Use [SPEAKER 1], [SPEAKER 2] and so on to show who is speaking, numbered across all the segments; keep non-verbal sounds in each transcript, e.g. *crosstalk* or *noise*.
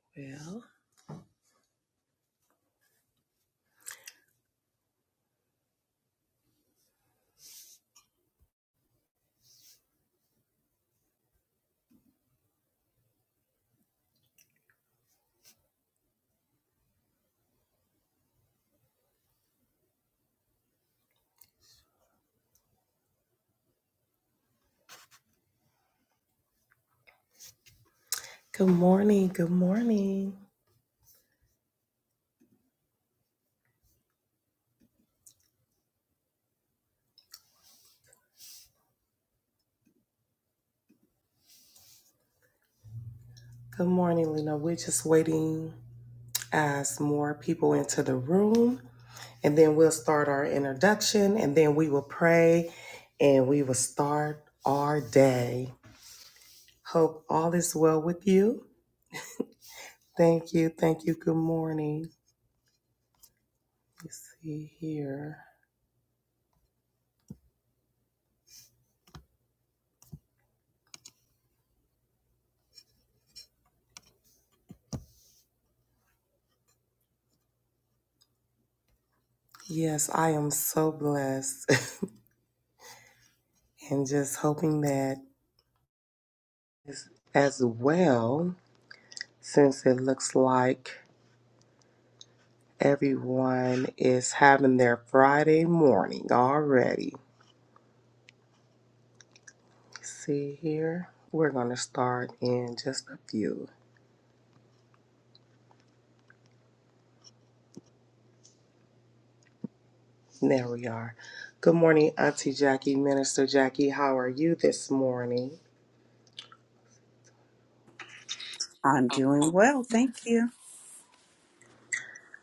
[SPEAKER 1] Well, good morning. Good morning. Good morning, Lena. We're just waiting as more people into the room, and then we'll start our introduction, and then we will pray, and we will start our day. Hope all is well with you. Thank you. Thank you. Good morning. Let's see here. Yes, I am so blessed, *laughs* and just hoping that as as well, since it looks like Everyone is having their Friday morning already. See here, we're going to start in just a few. There we are. Good morning, Auntie Jackie, Minister Jackie. How are you this morning?
[SPEAKER 2] I'm doing well, thank you.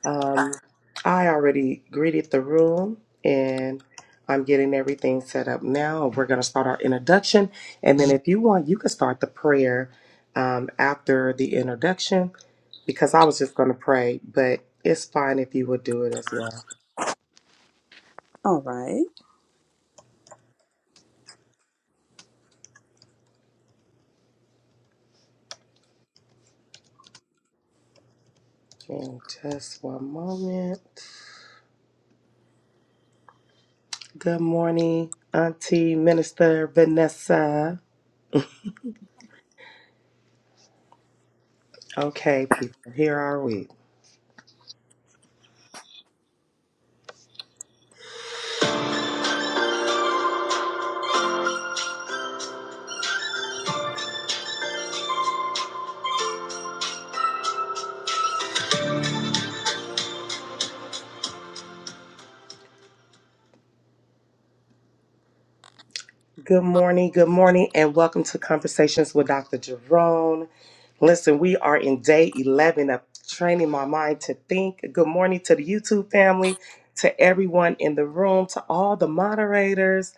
[SPEAKER 1] Um, I already greeted the room and I'm getting everything set up now. We're going to start our introduction. And then, if you want, you can start the prayer um, after the introduction because I was just going to pray, but it's fine if you would do it as well.
[SPEAKER 2] All right.
[SPEAKER 1] And just one moment. Good morning, Auntie Minister Vanessa. Okay, people, here are we. Good morning, good morning, and welcome to Conversations with Dr. Jerome. Listen, we are in day 11 of training my mind to think. Good morning to the YouTube family, to everyone in the room, to all the moderators.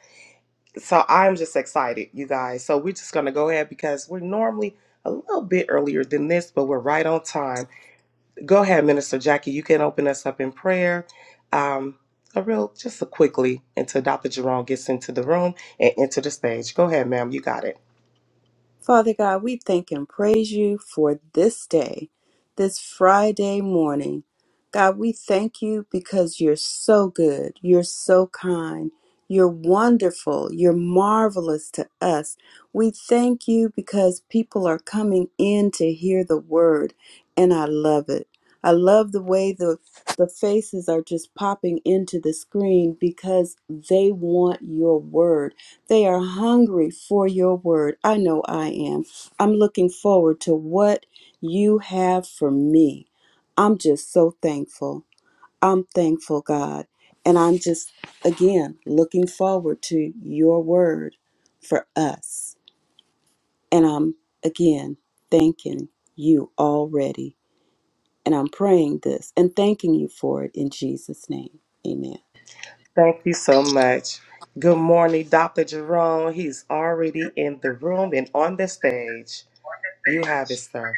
[SPEAKER 1] So I'm just excited, you guys. So we're just going to go ahead because we're normally a little bit earlier than this, but we're right on time. Go ahead, Minister Jackie. You can open us up in prayer. Um, a real, just a quickly until Dr. Jerome gets into the room and into the stage. Go ahead, ma'am. You got it.
[SPEAKER 2] Father God, we thank and praise you for this day, this Friday morning. God, we thank you because you're so good, you're so kind, you're wonderful, you're marvelous to us. We thank you because people are coming in to hear the word, and I love it. I love the way the, the faces are just popping into the screen because they want your word They are hungry for your word. I know I am. I'm looking forward to what you have for me. I'm just so thankful. I'm thankful, God. And I'm just, again, looking forward to your word for us. And I'm, again, thanking you already. And I'm praying this and thanking you for it in Jesus' name. Amen.
[SPEAKER 1] Thank you so much. Good morning, Dr. Jerome. He's already in the room and on the stage. You have it, sir.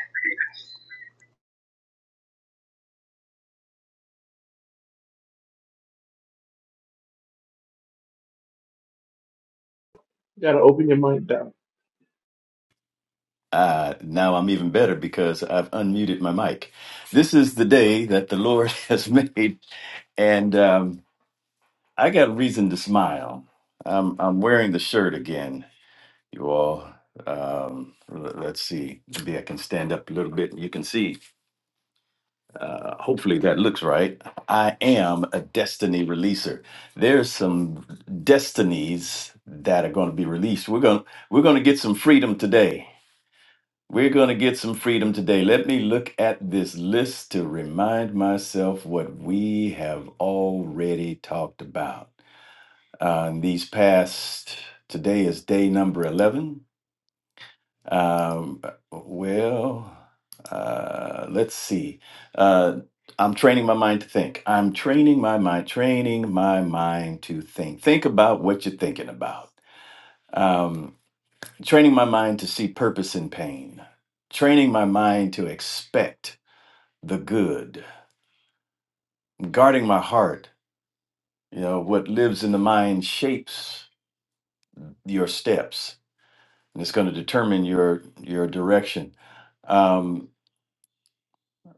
[SPEAKER 3] You gotta open your mind up.
[SPEAKER 4] Uh, now I'm even better because I've unmuted my mic. This is the day that the Lord *laughs* has made, and um, I got a reason to smile. I'm, I'm wearing the shirt again, you all. Um, l- let's see. Maybe I can stand up a little bit and you can see. Uh, hopefully that looks right. I am a destiny releaser. There's some destinies that are going to be released. We're going to we're going to get some freedom today. We're going to get some freedom today. Let me look at this list to remind myself what we have already talked about. Uh, in these past, today is day number 11. Um, well, uh, let's see. Uh, I'm training my mind to think. I'm training my mind, training my mind to think. Think about what you're thinking about. Um, Training my mind to see purpose in pain. Training my mind to expect the good. Guarding my heart. You know, what lives in the mind shapes your steps and it's going to determine your your direction. Um,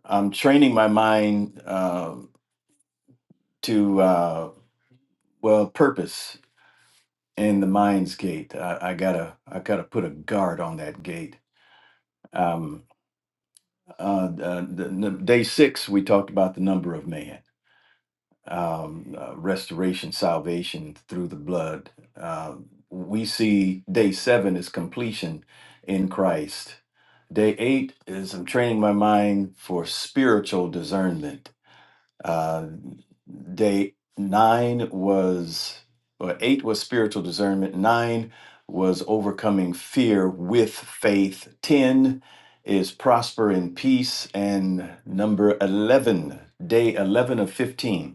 [SPEAKER 4] I'm training my mind uh, to uh, well purpose in the mind's gate. I, I gotta I gotta put a guard on that gate. Um, uh, uh, the, the- day six, we talked about the number of man um, uh, restoration, salvation through the blood. Uh, we see day seven is completion in Christ. Day eight is I'm training my mind for spiritual discernment. Uh, day nine was, or eight was spiritual discernment. Nine was overcoming fear with faith. Ten is prosper in peace. And number 11, day 11 of 15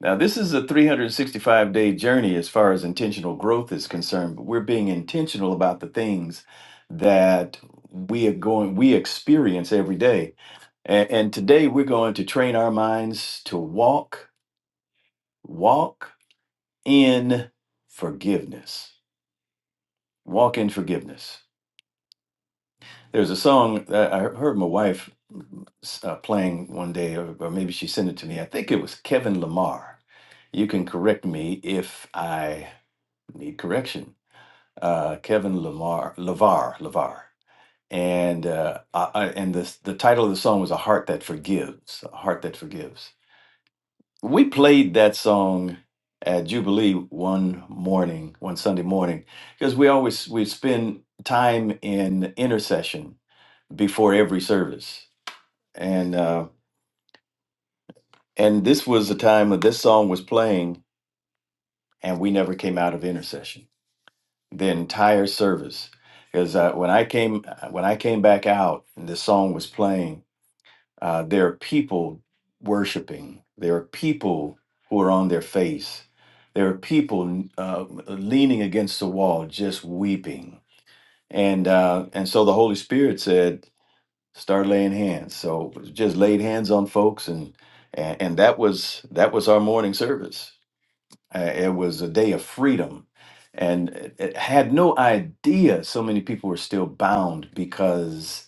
[SPEAKER 4] now, this is a 365 day journey as far as intentional growth is concerned, but we're being intentional about the things that we are going, we experience every day. And, and today we're going to train our minds to walk, walk in forgiveness. Walk in forgiveness. There's a song that I heard my wife uh, playing one day, or, or maybe she sent it to me. I think it was Kevin Lamar. You can correct me if I need correction uh, Kevin Lavar, Lavar, Lavar, and uh, I, I- and the the title of the song was "A Heart That Forgives." A heart that forgives. We played that song at Jubilee one morning, one Sunday morning, because we always we spend time in intercession before every service, and uh, and this was the time that this song was playing, and we never came out of intercession the entire service because uh, when I came uh, when I came back out and this song was playing, uh, there are people worshiping. There are people who are on their face. There are people uh, leaning against the wall, just weeping. And uh, and so the Holy Spirit said, start laying hands. So just laid hands on folks, and and, and that was that was our morning service uh, it was a day of freedom, and it, it had no idea so many people were still bound because,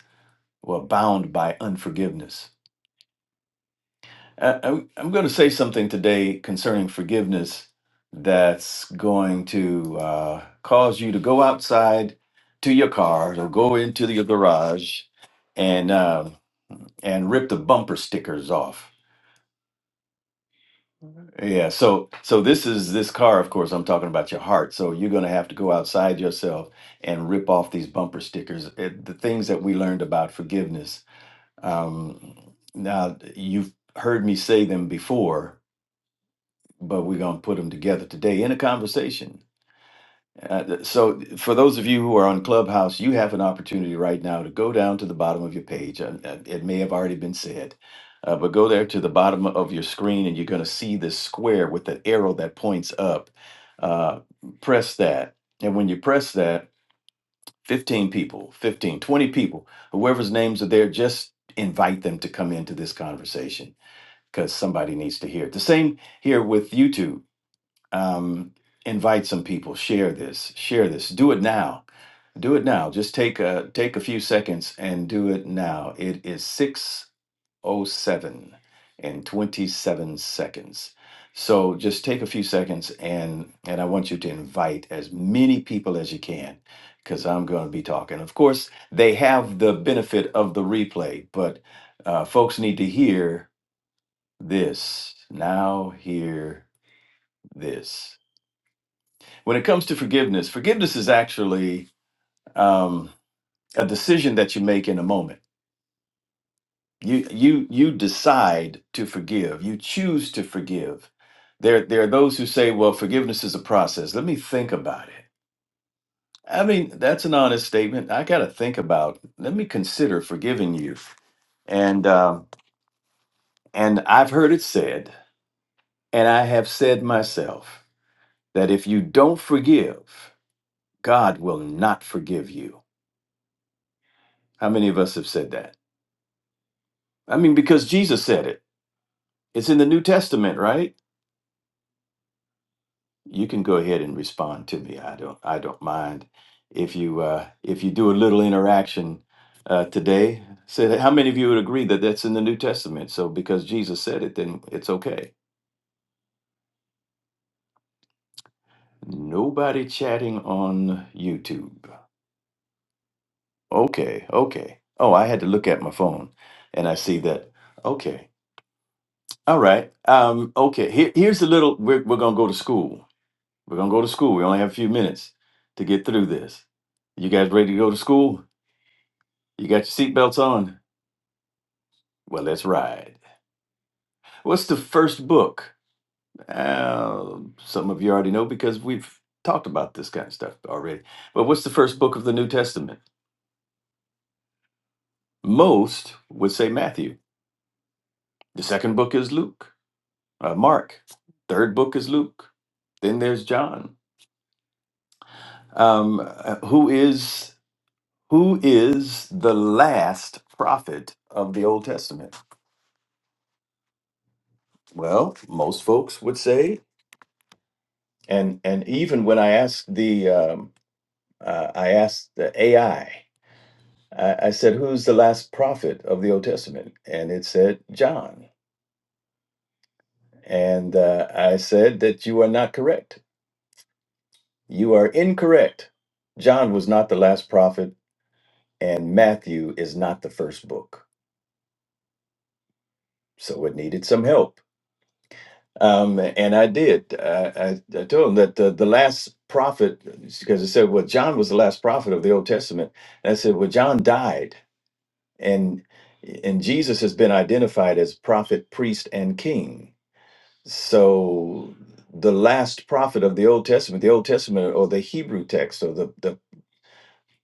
[SPEAKER 4] well, bound by unforgiveness. Uh, I'm, I'm going to say something today concerning forgiveness that's going to uh, cause you to go outside to your car or go into your garage and uh, and rip the bumper stickers off Yeah, so so this is this car, of course, I'm talking about your heart. So you're going to have to go outside yourself and rip off these bumper stickers. It, the things that we learned about forgiveness. Um, now you've heard me say them before, but we're going to put them together today in a conversation uh, so, for those of you who are on Clubhouse, you have an opportunity right now to go down to the bottom of your page. Uh, uh, It may have already been said, uh, but go there to the bottom of your screen and you're going to see this square with the arrow that points up. Uh, press that. And when you press that, 15 people, 15, 20 people, whoever's names are there, just invite them to come into this conversation because somebody needs to hear it. The same here with YouTube. Um, invite some people, share this, share this, do it now do it now. Just take a take a few seconds and do it now. It is 607 and 27 seconds. So just take a few seconds and and I want you to invite as many people as you can cuz I'm going to be talking. Of course, they have the benefit of the replay, but uh, folks need to hear this. Now hear this. When it comes to forgiveness, forgiveness is actually um, a decision that you make in a moment you you you decide to forgive you choose to forgive there there are those who say well forgiveness is a process let me think about it i mean that's an honest statement i got to think about let me consider forgiving you and uh, and i've heard it said and i have said myself that if you don't forgive god will not forgive you how many of us have said that i mean because jesus said it it's in the new testament right you can go ahead and respond to me. I don't I don't mind if you uh, if you do a little interaction uh, today. Said how many of you would agree that that's in the New Testament? So because Jesus said it, then it's okay. Nobody chatting on YouTube. Okay, okay. Oh, I had to look at my phone, and I see that. Okay, all right. Um, okay. Here, here's a little. We're we're gonna go to school. We're gonna go to school. We only have a few minutes to get through this. You guys ready to go to school? You got your seatbelts on? Well, let's ride. What's the first book? Uh, some of you already know because we've talked about this kind of stuff already. But what's the first book of the New Testament? Most would say Matthew. The second book is Luke, uh, Mark. Third book is Luke. Then there's John. Um, uh, who is who is the last prophet of the Old Testament? Well, most folks would say, and and even when I asked the um, uh, I asked the AI, I, I, I said, who's the last prophet of the Old Testament? And it said, John. And uh, I said that you are not correct. You are incorrect. John was not the last prophet, and Matthew is not the first book. So it needed some help. Um, and I did. I, I, I told him that the, the last prophet, because it said, well, John was the last prophet of the Old Testament. And I said, well, John died. and and Jesus has been identified as prophet, priest, and king. So the last prophet of the Old Testament, the Old Testament or the Hebrew text or the, the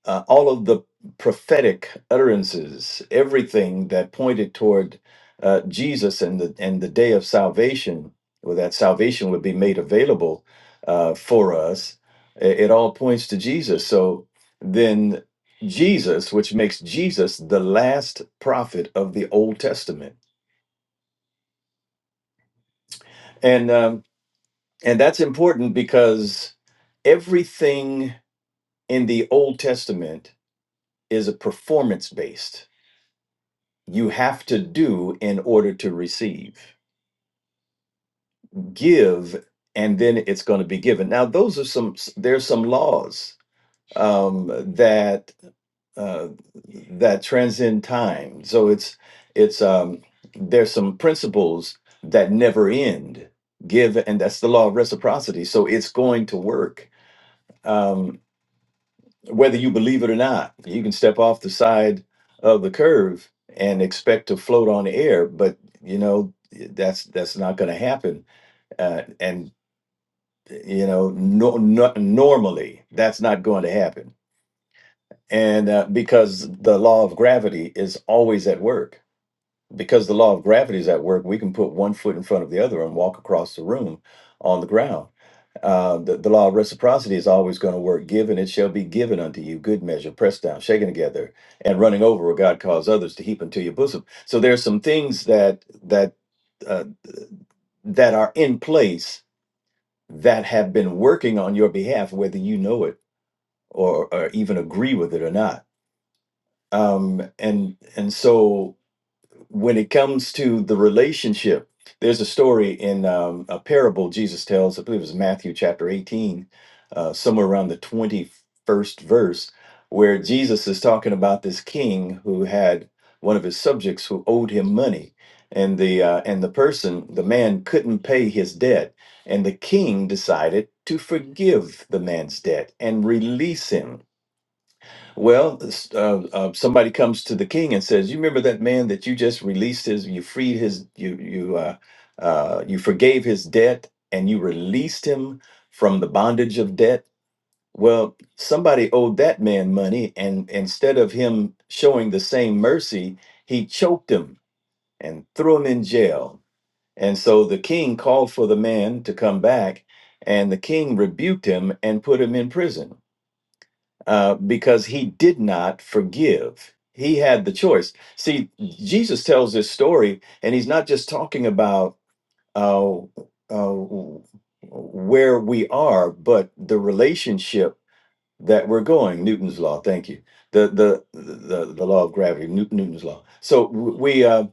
[SPEAKER 4] uh, all of the prophetic utterances, everything that pointed toward uh, Jesus and the and the day of salvation, or that salvation would be made available uh, for us, i- it, all points to Jesus. So then, Jesus, which makes Jesus the last prophet of the Old Testament, and um, and that's important because everything in the Old Testament is a performance based you have to do in order to receive. Give, and then it's going to be given. Now, those are some. There's some laws um, that uh, that transcend time. So it's it's um, there's some principles that never end. Give, and that's the law of reciprocity. So it's going to work. Um, whether you believe it or not. You can step off the side of the curve and expect to float on air, but you know that's that's not going to happen. Uh, and you know, no, no, normally that's not going to happen, and uh, because the law of gravity is always at work because the law of gravity is at work, we can put one foot in front of the other and walk across the room on the ground. Uh, the, the law of reciprocity is always going to work. Give and it shall be given unto you. Good measure, pressed down, shaken together, and running over, will God cause others to heap into your bosom. So there are some things that that uh, that are in place that have been working on your behalf, whether you know it or, or even agree with it or not. Um, and and so when it comes to the relationship, there's a story in um, a parable Jesus tells, I believe it was Matthew chapter 18, uh, somewhere around the 21st verse, where Jesus is talking about this king who had one of his subjects who owed him money. And the uh, and the person, the man couldn't pay his debt, and the king decided to forgive the man's debt and release him. Well, s- uh, uh, somebody comes to the king and says, "You remember that man that you just released his, you freed his, you you uh, uh, you forgave his debt, and you released him from the bondage of debt." Well, somebody owed that man money, and instead of him showing the same mercy, he choked him and threw him in jail. And so the king called for the man to come back, and the king rebuked him and put him in prison uh, because he did not forgive. He had the choice. See, Jesus tells this story, and he's not just talking about uh, uh, where we are, but the relationship that we're going. Newton's law. Thank you. The the the, the law of gravity. Newt- Newton's law. So we uh,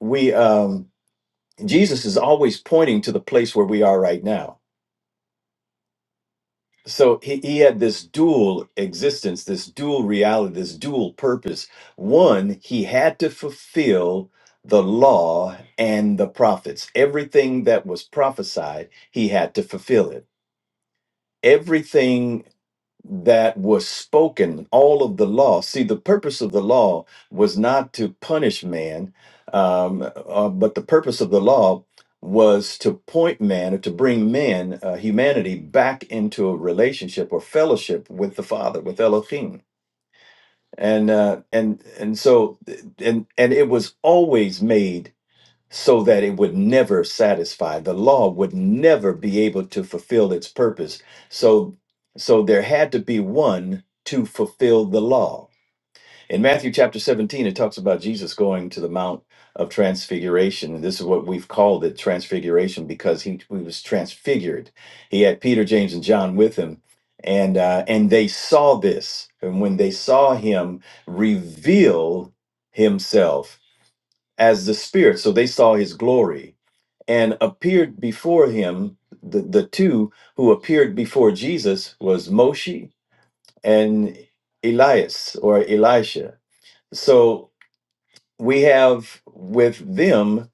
[SPEAKER 4] we um, Jesus is always pointing to the place where we are right now so he, he had this dual existence this dual reality this dual purpose one he had to fulfill the law and the prophets everything that was prophesied he had to fulfill it everything that was spoken, all of the law. See, the purpose of the law was not to punish man, um, uh, but the purpose of the law was to point man or to bring man, uh, humanity, back into a relationship or fellowship with the Father, with Elohim. And uh, and and so and and it was always made so that it would never satisfy the law would never be able to fulfill its purpose so so there had to be one to fulfill the law in matthew chapter 17 it talks about jesus going to the mount of transfiguration this is what we've called it transfiguration because he, he was transfigured he had peter james and john with him and uh, and they saw this and when they saw him reveal himself as the spirit so they saw his glory and appeared before him the, the two who appeared before jesus was moshe and elias or elisha so we have with them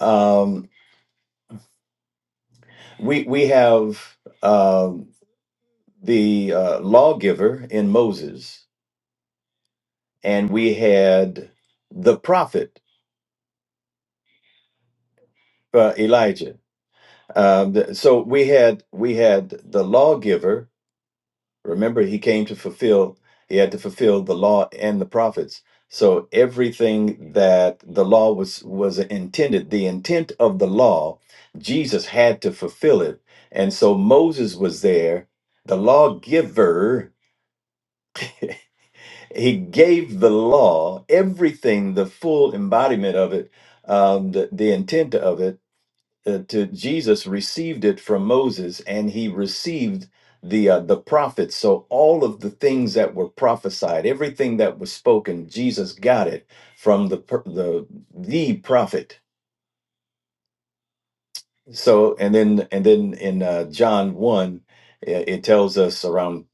[SPEAKER 4] um, we we have um, the uh, lawgiver in moses and we had the prophet uh, elijah um, th- so we had we had the lawgiver Remember, he came to fulfill, he had to fulfill the law and the prophets. So everything that the law was was intended, the intent of the law, Jesus had to fulfill it. And so Moses was there, the lawgiver. He gave the law everything, the full embodiment of it, um, the, the intent of it uh, to Jesus received it from Moses, and he received the uh, the prophets. So all of the things that were prophesied, everything that was spoken, Jesus got it from the per- the the prophet. So and then and then in uh, John one, i- it tells us around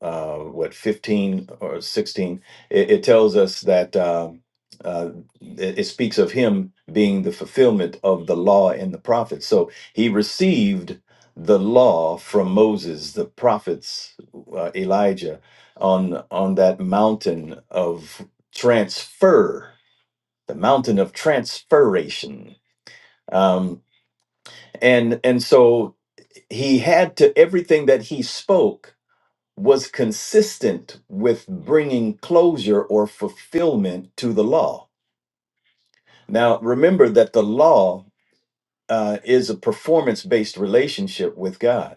[SPEAKER 4] uh, what 15 or 16 it, it tells us that um, uh, it, it speaks of him being the fulfillment of the law and the prophets so he received the law from moses the prophets uh, elijah on on that mountain of transfer the mountain of transferation um, and and so he had to everything that he spoke was consistent with bringing closure or fulfillment to the law. Now, remember that the law uh, is a performance based relationship with God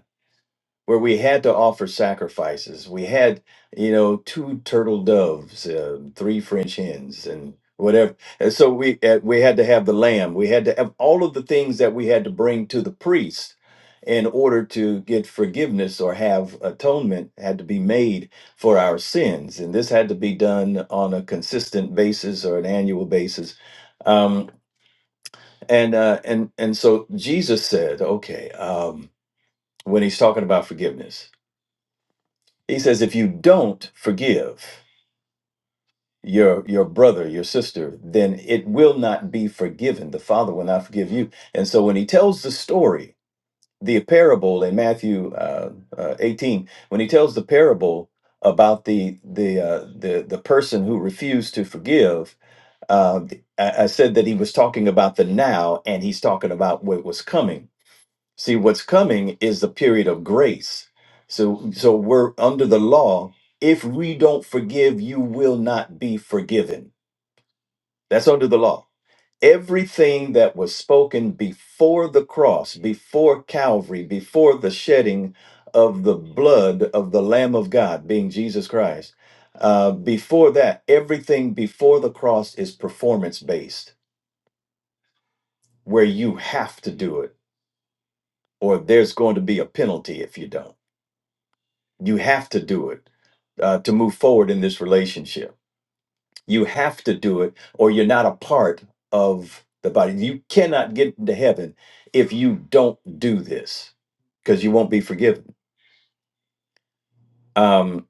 [SPEAKER 4] where we had to offer sacrifices. We had, you know, two turtle doves, uh, three French hens, and whatever. And so we uh, we had to have the lamb. We had to have all of the things that we had to bring to the priest in order to get forgiveness or have atonement had to be made for our sins and this had to be done on a consistent basis or an annual basis um, and uh, and and so jesus said okay um, when he's talking about forgiveness he says, if you don't forgive your your brother, your sister, then it will not be forgiven. The Father will not forgive you. And so when he tells the story, the parable in Matthew uh, uh, 18, when he tells the parable about the the uh, the the person who refused to forgive, uh, I, I said that he was talking about the now, and he's talking about what was coming See, what's coming is the period of grace. So so we're under the law. If we don't forgive, you will not be forgiven. That's under the law. Everything that was spoken before the cross, before Calvary, before the shedding of the blood of the Lamb of God, being Jesus Christ, uh, before that, everything before the cross is performance based, where you have to do it, or there's going to be a penalty if you don't. You have to do it uh, to move forward in this relationship. You have to do it, or you're not a part of the body. You cannot get into heaven if you don't do this, because you won't be forgiven. Um,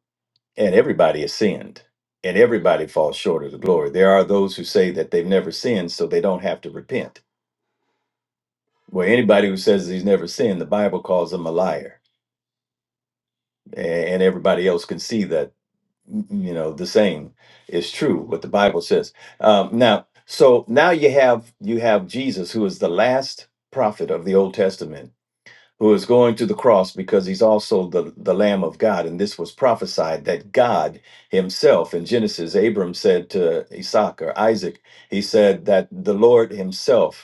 [SPEAKER 4] and everybody has sinned, and everybody falls short of the glory. There are those who say that they've never sinned, so they don't have to repent. Well, anybody who says he's never sinned, the Bible calls him a liar, a- and everybody else can see that you know the same is true what the bible says um, now so now you have you have jesus who is the last prophet of the old testament who is going to the cross because he's also the, the lamb of god and this was prophesied that god himself in genesis abram said to isaac or isaac he said that the lord himself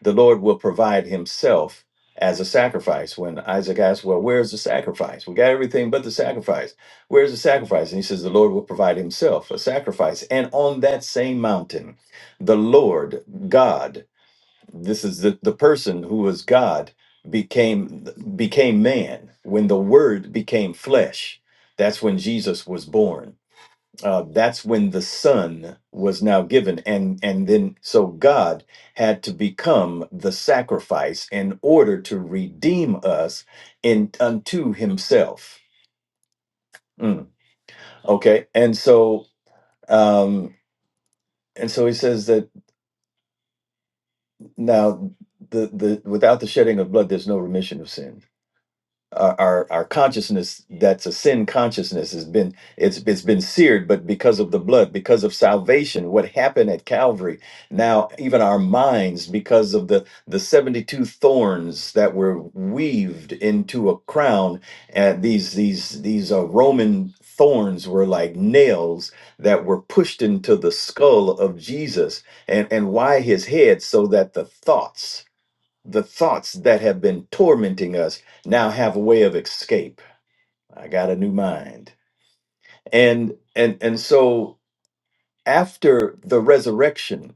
[SPEAKER 4] the Lord will provide himself as a sacrifice. When Isaac asked, Well, where's the sacrifice? We got everything but the sacrifice. Where's the sacrifice? And he says, The Lord will provide himself a sacrifice. And on that same mountain, the Lord God, this is the, the person who was God, became became man when the word became flesh. That's when Jesus was born uh, that's when the son was now given and and then so god had to become the sacrifice in order to redeem us in unto himself Mm, okay and so um and so he says that now the the without the shedding of blood there's no remission of sin. our our our consciousness that's a sin consciousness has been it's it's been seared but because of the blood because of salvation what happened at calvary now even our minds because of the the 72 thorns that were weaved into a crown and these these these uh, roman thorns were like nails that were pushed into the skull of jesus and and why his head so that the thoughts the thoughts that have been tormenting us now have a way of escape i got a new mind and and and so after the resurrection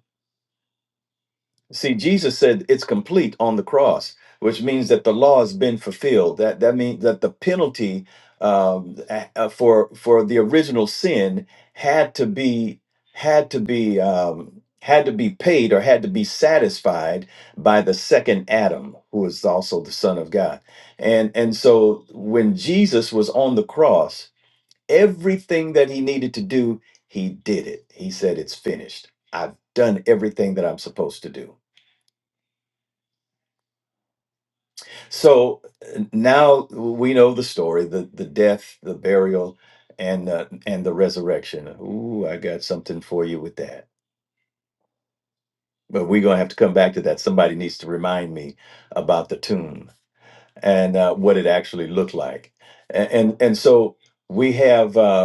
[SPEAKER 4] See, Jesus said it's complete on the cross, which means that the law has been fulfilled. That that means that the penalty um, a- uh, for for the original sin had to be had to be um, had to be paid or had to be satisfied by the second Adam, who is also the Son of God. And and so when Jesus was on the cross, everything that he needed to do, he did it. He said, "It's finished. I've done everything that I'm supposed to do." So uh, now we know the story, the the death, the burial, and uh, and the resurrection. Ooh, I got something for you with that. But we're gonna have to come back to that. Somebody needs to remind me about the tomb and uh, what it actually looked like. A- And and, so we have. Uh,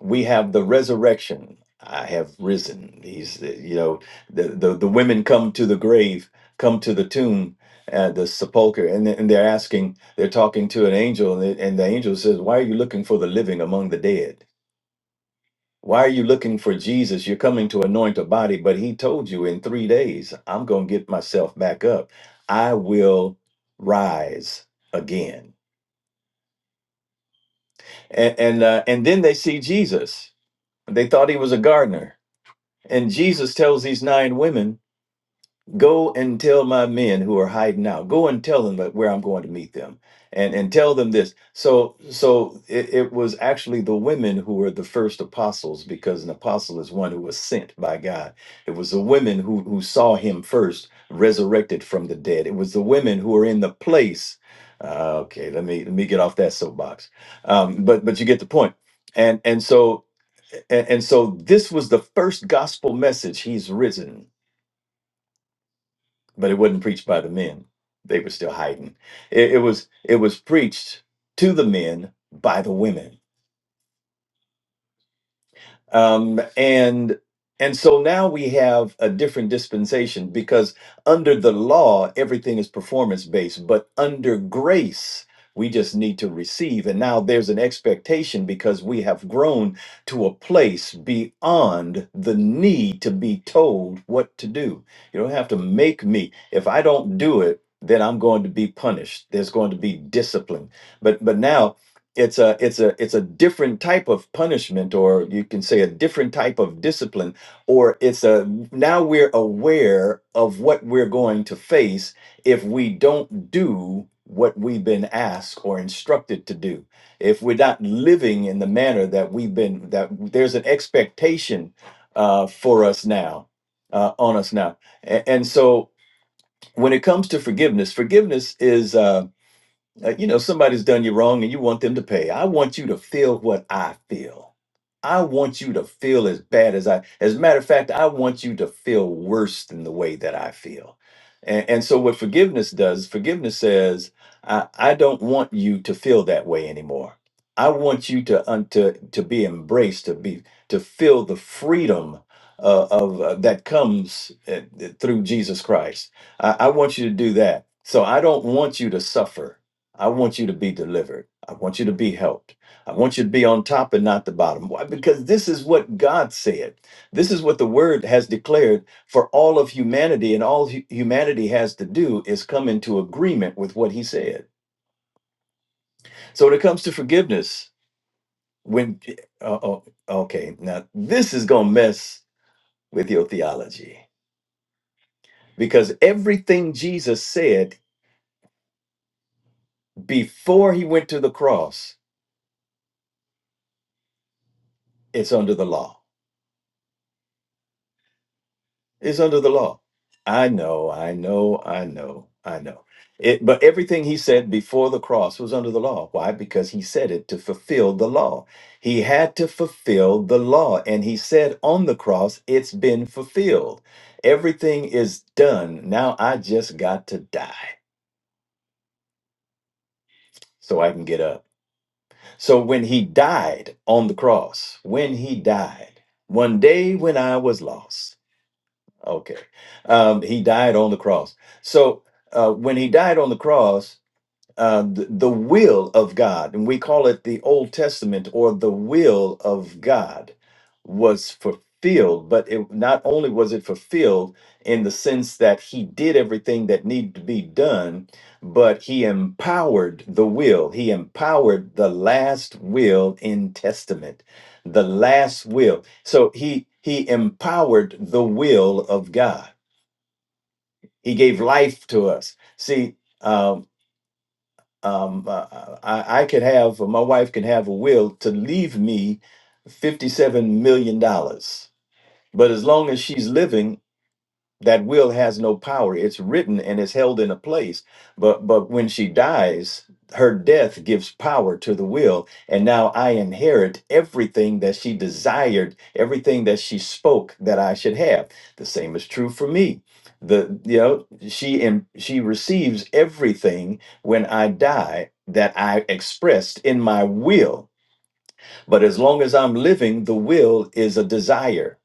[SPEAKER 4] we have the resurrection. I have risen. He's, uh, you know, the, the, the women come to the grave, come to the tomb, uh, the sepulcher, and, and they're asking, they're talking to an angel, and the, and the angel says, Why are you looking for the living among the dead? Why are you looking for Jesus? You're coming to anoint a body, but he told you in three days, I'm going to get myself back up. I will rise again. And, and, uh, and then they see Jesus. They thought he was a gardener And Jesus tells these nine women, Go and tell my men who are hiding out. Go and tell them that where I'm going to meet them, and and tell them this. So so it, it was actually the women who were the first apostles because an apostle is one who was sent by God. It was the women who who saw him first resurrected from the dead. It was the women who were in the place. Uh, okay, let me let me get off that soapbox. Um, but but you get the point. And and so and, and so this was the first gospel message he's risen but it wasn't preached by the men. They were still hiding. It, it was it was preached to the men by the women um, and and so now we have a different dispensation because under the law everything is performance based but under grace we just need to receive and now there's an expectation because we have grown to a place beyond the need to be told what to do you don't have to make me if i don't do it then i'm going to be punished there's going to be discipline but but now it's a it's a it's a different type of punishment or you can say a different type of discipline or it's a now we're aware of what we're going to face if we don't do what we've been asked or instructed to do if we're not living in the manner that we've been that there's an expectation uh, for us now uh, on us now A- and so when it comes to forgiveness forgiveness is uh, uh, you know, somebody's done you wrong and you want them to pay. I want you to feel what I feel. I want you to feel as bad as I. As a matter of fact, I want you to feel worse than the way that I feel. And, and so, what forgiveness does, forgiveness says, I, I don't want you to feel that way anymore. I want you to un, to to be embraced, to be to feel the freedom uh, of uh, that comes uh, through Jesus Christ. I, I want you to do that. So I don't want you to suffer. I want you to be delivered. I want you to be helped. I want you to be on top and not the bottom. Why? Because this is what God said. This is what the word has declared for all of humanity, and all hu- humanity has to do is come into agreement with what he said. So when it comes to forgiveness, when, uh, oh, okay, now this is going to mess with your theology because everything Jesus said before he went to the cross, it's under the law It's under the law. I know, I know, I know, I know. It, but everything he said before the cross was under the law. Why? Because he said it to fulfill the law. He had to fulfill the law. And he said on the cross, it's been fulfilled. Everything is done. Now I just got to die so I can get up. So when he died on the cross, when he died, one day when I was lost, Okay. Um, he died on the cross. So uh, when he died on the cross, uh, the, the will of God, and we call it the Old Testament or the will of God, was fulfilled. But it not only was it fulfilled in the sense that He did everything that needed to be done, but He empowered the will. He empowered the last will in Testament, the last will. So He He empowered the will of God. He gave life to us. See. uh, um, uh, I, I could have, my wife can have a will to leave me $57 million. dollars. But as long as she's living, that will has no power it's written and it's held in a place but but when she dies her death gives power to the will and now i inherit everything that she desired everything that she spoke that i should have the same is true for me the you know she and she receives everything when i die that i expressed in my will but as long as i'm living the will is a desire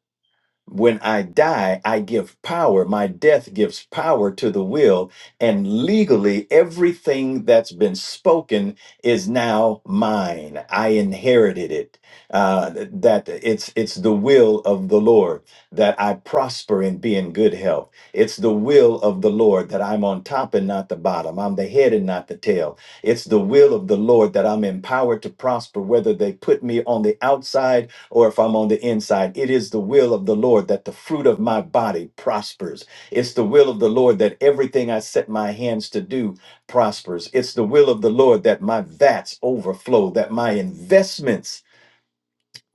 [SPEAKER 4] when I die, I give power. My death gives power to the will. And legally, everything that's been spoken is now mine. I inherited it. Uh, that it's, it's the will of the Lord that I prosper and be in good health. It's the will of the Lord that I'm on top and not the bottom. I'm the head and not the tail. It's the will of the Lord that I'm empowered to prosper, whether they put me on the outside or if I'm on the inside. It is the will of the Lord that the fruit of my body prospers. It's the will of the Lord that everything I set my hands to do prospers. It's the will of the Lord that my vats overflow, that my investments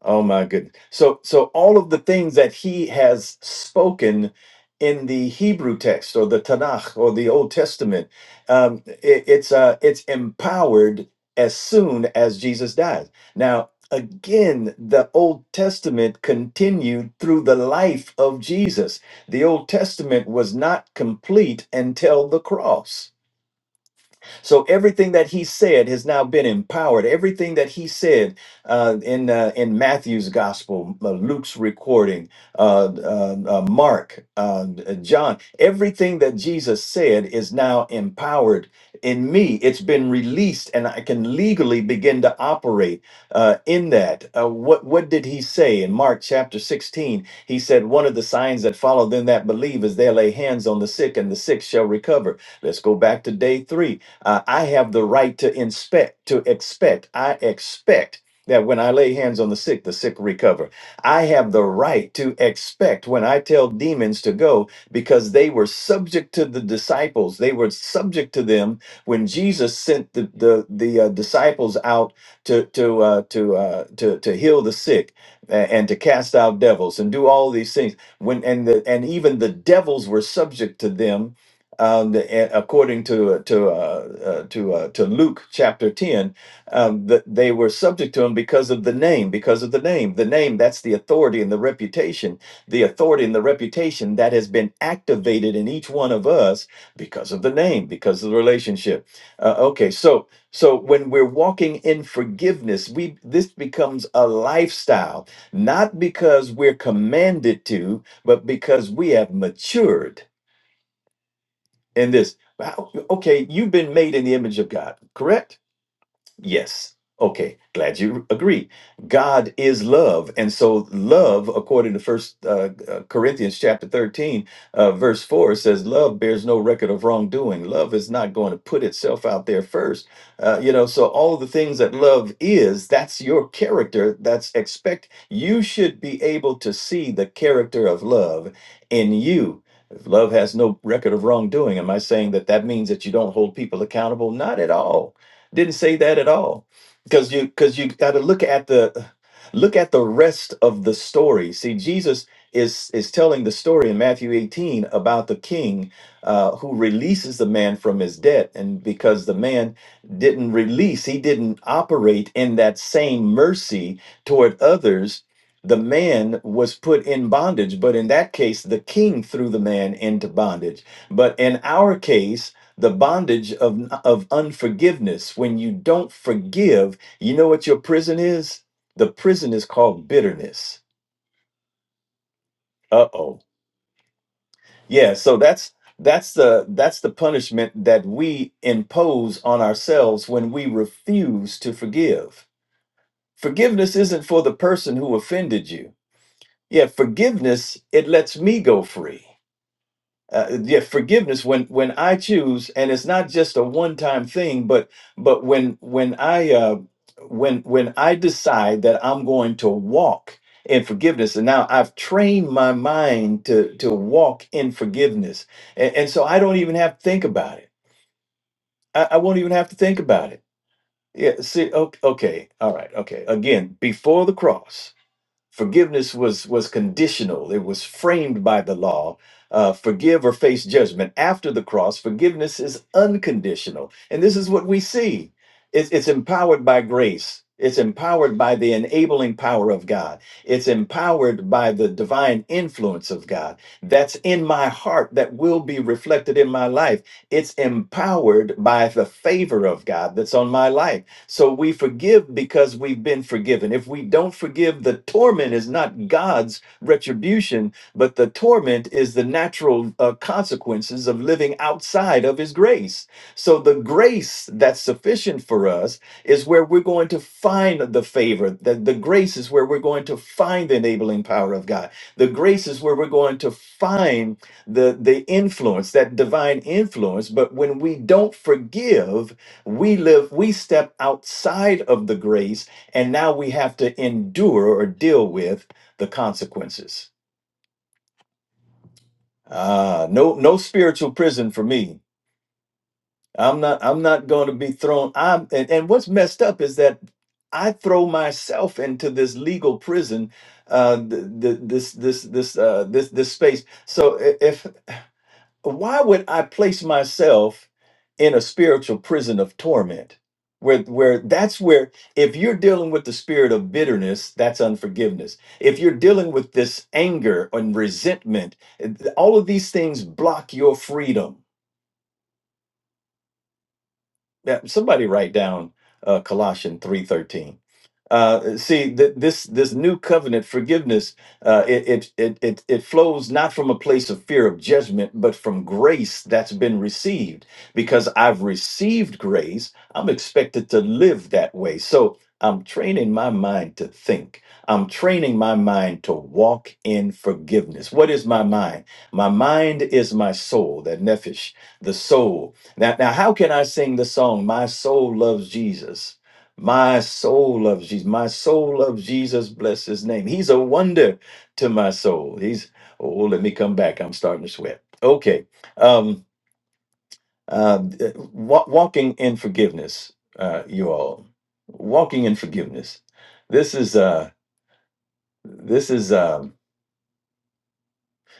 [SPEAKER 4] Oh my goodness. So so all of the things that he has spoken in the Hebrew text or the Tanakh or the Old Testament, um, it- it's uh, it's empowered as soon as Jesus dies. Now again, the Old Testament continued through the life of Jesus. The Old Testament was not complete until the cross so everything that he said has now been empowered. Everything that he said uh, in uh, in Matthew's gospel, uh, Luke's recording, uh, uh, uh, Mark, uh, uh, John, everything that Jesus said is now empowered in me. It's been released, and I can legally begin to operate uh, in that. Uh, what what did he say in Mark chapter sixteen? He said, "One of the signs that follow them that believe is they lay hands on the sick, and the sick shall recover." Let's go back to day three. Uh, I have the right to inspect, to expect. I expect that when I lay hands on the sick, the sick recover. I have the right to expect when I tell demons to go because they were subject to the disciples. They were subject to them when Jesus sent the the, the uh, disciples out to to uh, to uh, to to heal the sick a- and to cast out devils and do all these things. When and the, and even the devils were subject to them um, the, and according to to uh, uh, to uh, to Luke chapter ten, um, that they were subject to him because of the name, because of the name, the name that's the authority and the reputation, the authority and the reputation that has been activated in each one of us because of the name, because of the relationship. Uh, okay, so so when we're walking in forgiveness, we this becomes a lifestyle, not because we're commanded to, but because we have matured in this. But How- Okay, you've been made in the image of God, correct? Yes. Okay. Glad you agree. God is love. And so love, according to first uh, uh, Corinthians chapter 13, uh, verse four it says, love bears no record of wrongdoing. Love is not going to put itself out there first. Uh, you know, so all of the things that love is, that's your character. That's expect. You should be able to see the character of love in you. If love has no record of wrongdoing, am I saying that that means that you don't hold people accountable? Not at all didn't say that at all. Because you because you got to look at the look at the rest of the story. See, Jesus is is telling the story in Matthew 18 about the king uh, who releases the man from his debt, and because the man didn't release, he didn't operate in that same mercy toward others. The man was put in bondage, but in that case, the king threw the man into bondage. But in our case, the bondage of of unforgiveness when you don't forgive you know what your prison is the prison is called bitterness uh-oh yeah so that's that's the that's the punishment that we impose on ourselves when we refuse to forgive forgiveness isn't for the person who offended you yeah forgiveness it lets me go free uh, yeah forgiveness when when i choose and it's not just a one time thing but but when when i uh when when i decide that i'm going to walk in forgiveness and now i've trained my mind to to walk in forgiveness and, and so i don't even have to think about it I, I won't even have to think about it yeah see okay, okay all right okay again before the cross Forgiveness was was conditional. It was framed by the law. Uh, forgive or face judgment. After the cross, forgiveness is unconditional, and this is what we see. It's, it's empowered by grace. It's empowered by the enabling power of God. It's empowered by the divine influence of God that's in my heart that will be reflected in my life. It's empowered by the favor of God that's on my life so we forgive because we've been forgiven. If we don't forgive, the torment is not God's retribution, but the torment is the natural uh, consequences of living outside of His grace. So the grace that's sufficient for us is where we're going to find the favor. The, the grace is where we're going to find the enabling power of God. The grace is where we're going to find the, the influence, that divine influence. But when we don't forgive, we live we step outside of the grace and now we have to endure or deal with the consequences ah no no spiritual prison for me i'm not i'm not going to be thrown i'm and, and what's messed up is that i throw myself into this legal prison uh th- th- this this this uh this this space so i- if why would I place myself in a spiritual prison of torment? Where, where that's where if you're dealing with the spirit of bitterness that's unforgiveness if you're dealing with this anger and resentment all of these things block your freedom Now, somebody write down uh, colossians 3.13 Uh, see, th- this this new covenant forgiveness uh, it, it it it it flows not from a place of fear of judgment, but from grace that's been received. Because I've received grace, I'm expected to live that way. So I'm training my mind to think. I'm training my mind to walk in forgiveness. What is my mind? My mind is my soul, that nephesh, the soul. Now, now, how can I sing the song "My Soul Loves Jesus"? My soul loves Jesus. My soul loves Jesus. Bless his name. He's a wonder to my soul. He's oh, let me come back. I'm starting to sweat. Okay. Um uh wa- walking in forgiveness, uh, you all. Walking in forgiveness. This is uh this is um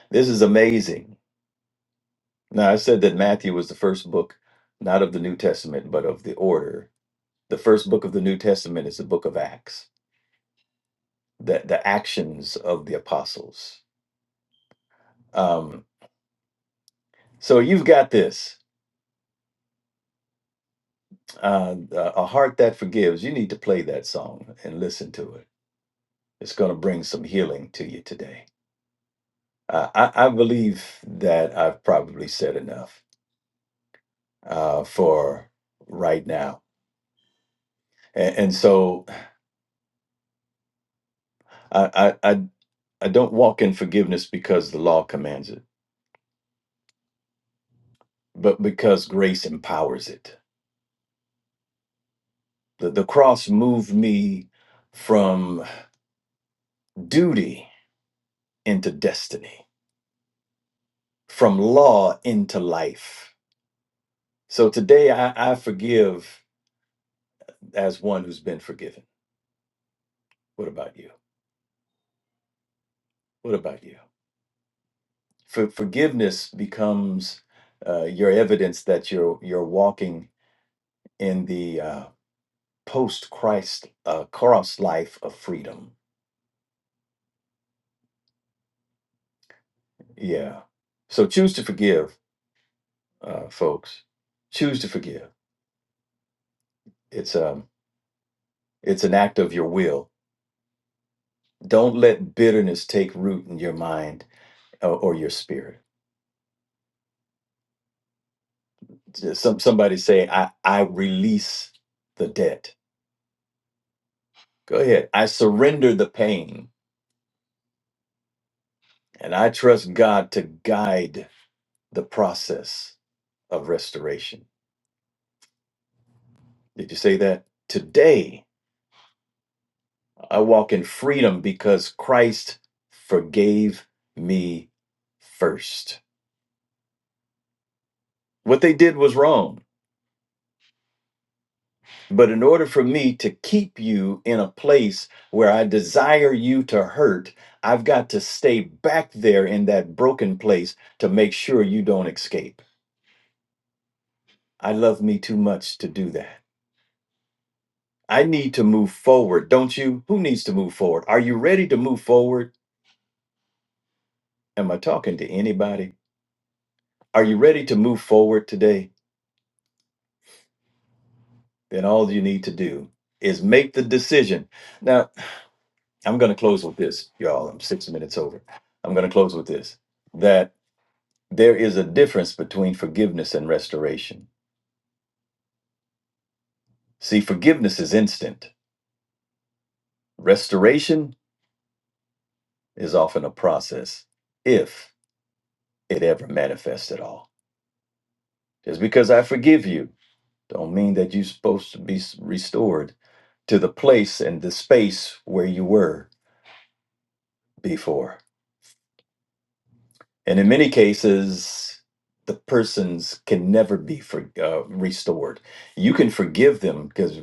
[SPEAKER 4] this is amazing. Now I said that Matthew was the first book, not of the New Testament, but of the order. The first book of the New Testament is the book of Acts, the, the actions of the apostles Um, so you've got this uh, a heart that forgives. You need to play that song and listen to it. It's going to bring some healing to you today. Uh, I, I believe that I've probably said enough uh, for right now, and, and so I, I I I don't walk in forgiveness because the law commands it, but because grace empowers it. The the cross moved me from duty into destiny, from law into life So today I, I forgive as one who's been forgiven. What about you? What about you? For, forgiveness becomes uh, your evidence that you're you're walking in the uh, post Christ uh, cross life of freedom. Yeah. So choose to forgive, uh, folks. Choose to forgive. It's um it's an act of your will. Don't let bitterness take root in your mind or, or your spirit. Some somebody say I I release the debt. Go ahead. I surrender the pain and I trust God to guide the process of restoration. Did you say that? Today, I walk in freedom because Christ forgave me first. What they did was wrong. But in order for me to keep you in a place where I desire you to hurt, I've got to stay back there in that broken place to make sure you don't escape. I love me too much to do that. I need to move forward, don't you? Who needs to move forward? Are you ready to move forward? Am I talking to anybody? Are you ready to move forward today? Then all you need to do is make the decision. Now, I'm going to close with this, y'all. I'm six minutes over. I'm going to close with this that there is a difference between forgiveness and restoration. See, forgiveness is instant, restoration is often a process, if it ever manifests at all. Just because I forgive you Don't mean that you're supposed to be s- restored to the place and the space where you were before. And in many cases, the persons can never be for, uh, restored. You can forgive them because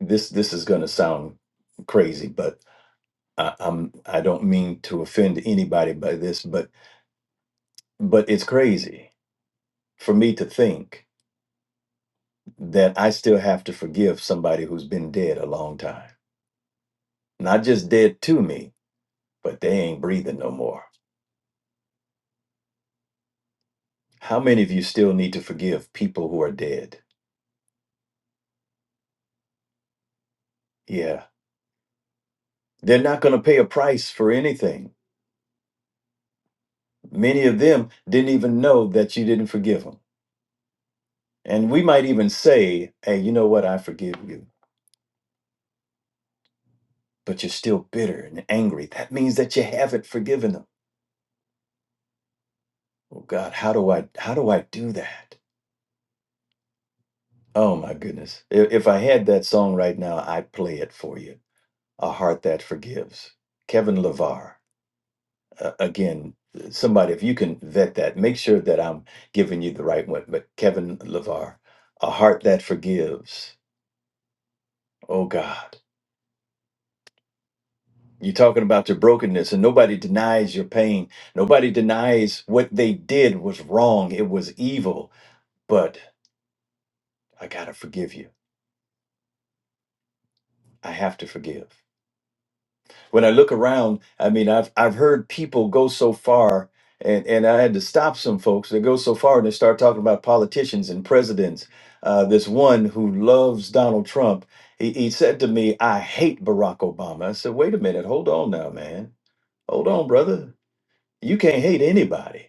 [SPEAKER 4] this this is going to sound crazy, but I, I'm I don't mean to offend anybody by this, but but it's crazy for me to think that I still have to forgive somebody who's been dead a long time. Not just dead to me, but they ain't breathing no more How many of you still need to forgive people who are dead? Yeah. They're not going to pay a price for anything. Many of them didn't even know that you didn't forgive them. And we might even say, hey, you know what? I forgive you. But you're still bitter and angry. That means that you haven't forgiven them. Oh God, how do I how do I do that? Oh my goodness. I- If I had that song right now, I'd play it for you. A heart that forgives. Kevin LeVar. uh, again, somebody, if you can vet that, make sure that I'm giving you the right one. But Kevin LeVar, a heart that forgives. Oh God. You're talking about your brokenness, and nobody denies your pain. Nobody denies what they did was wrong. It was evil. But I got to forgive you. I have to forgive. when I look around, I mean, I've I've heard people go so far, and and I had to stop some folks. that go so far and they start talking about politicians and presidents. Uh, this one who loves Donald Trump, he, he said to me, "I hate Barack Obama." I said, "Wait a minute, hold on now, man, hold on, brother. You can't hate anybody."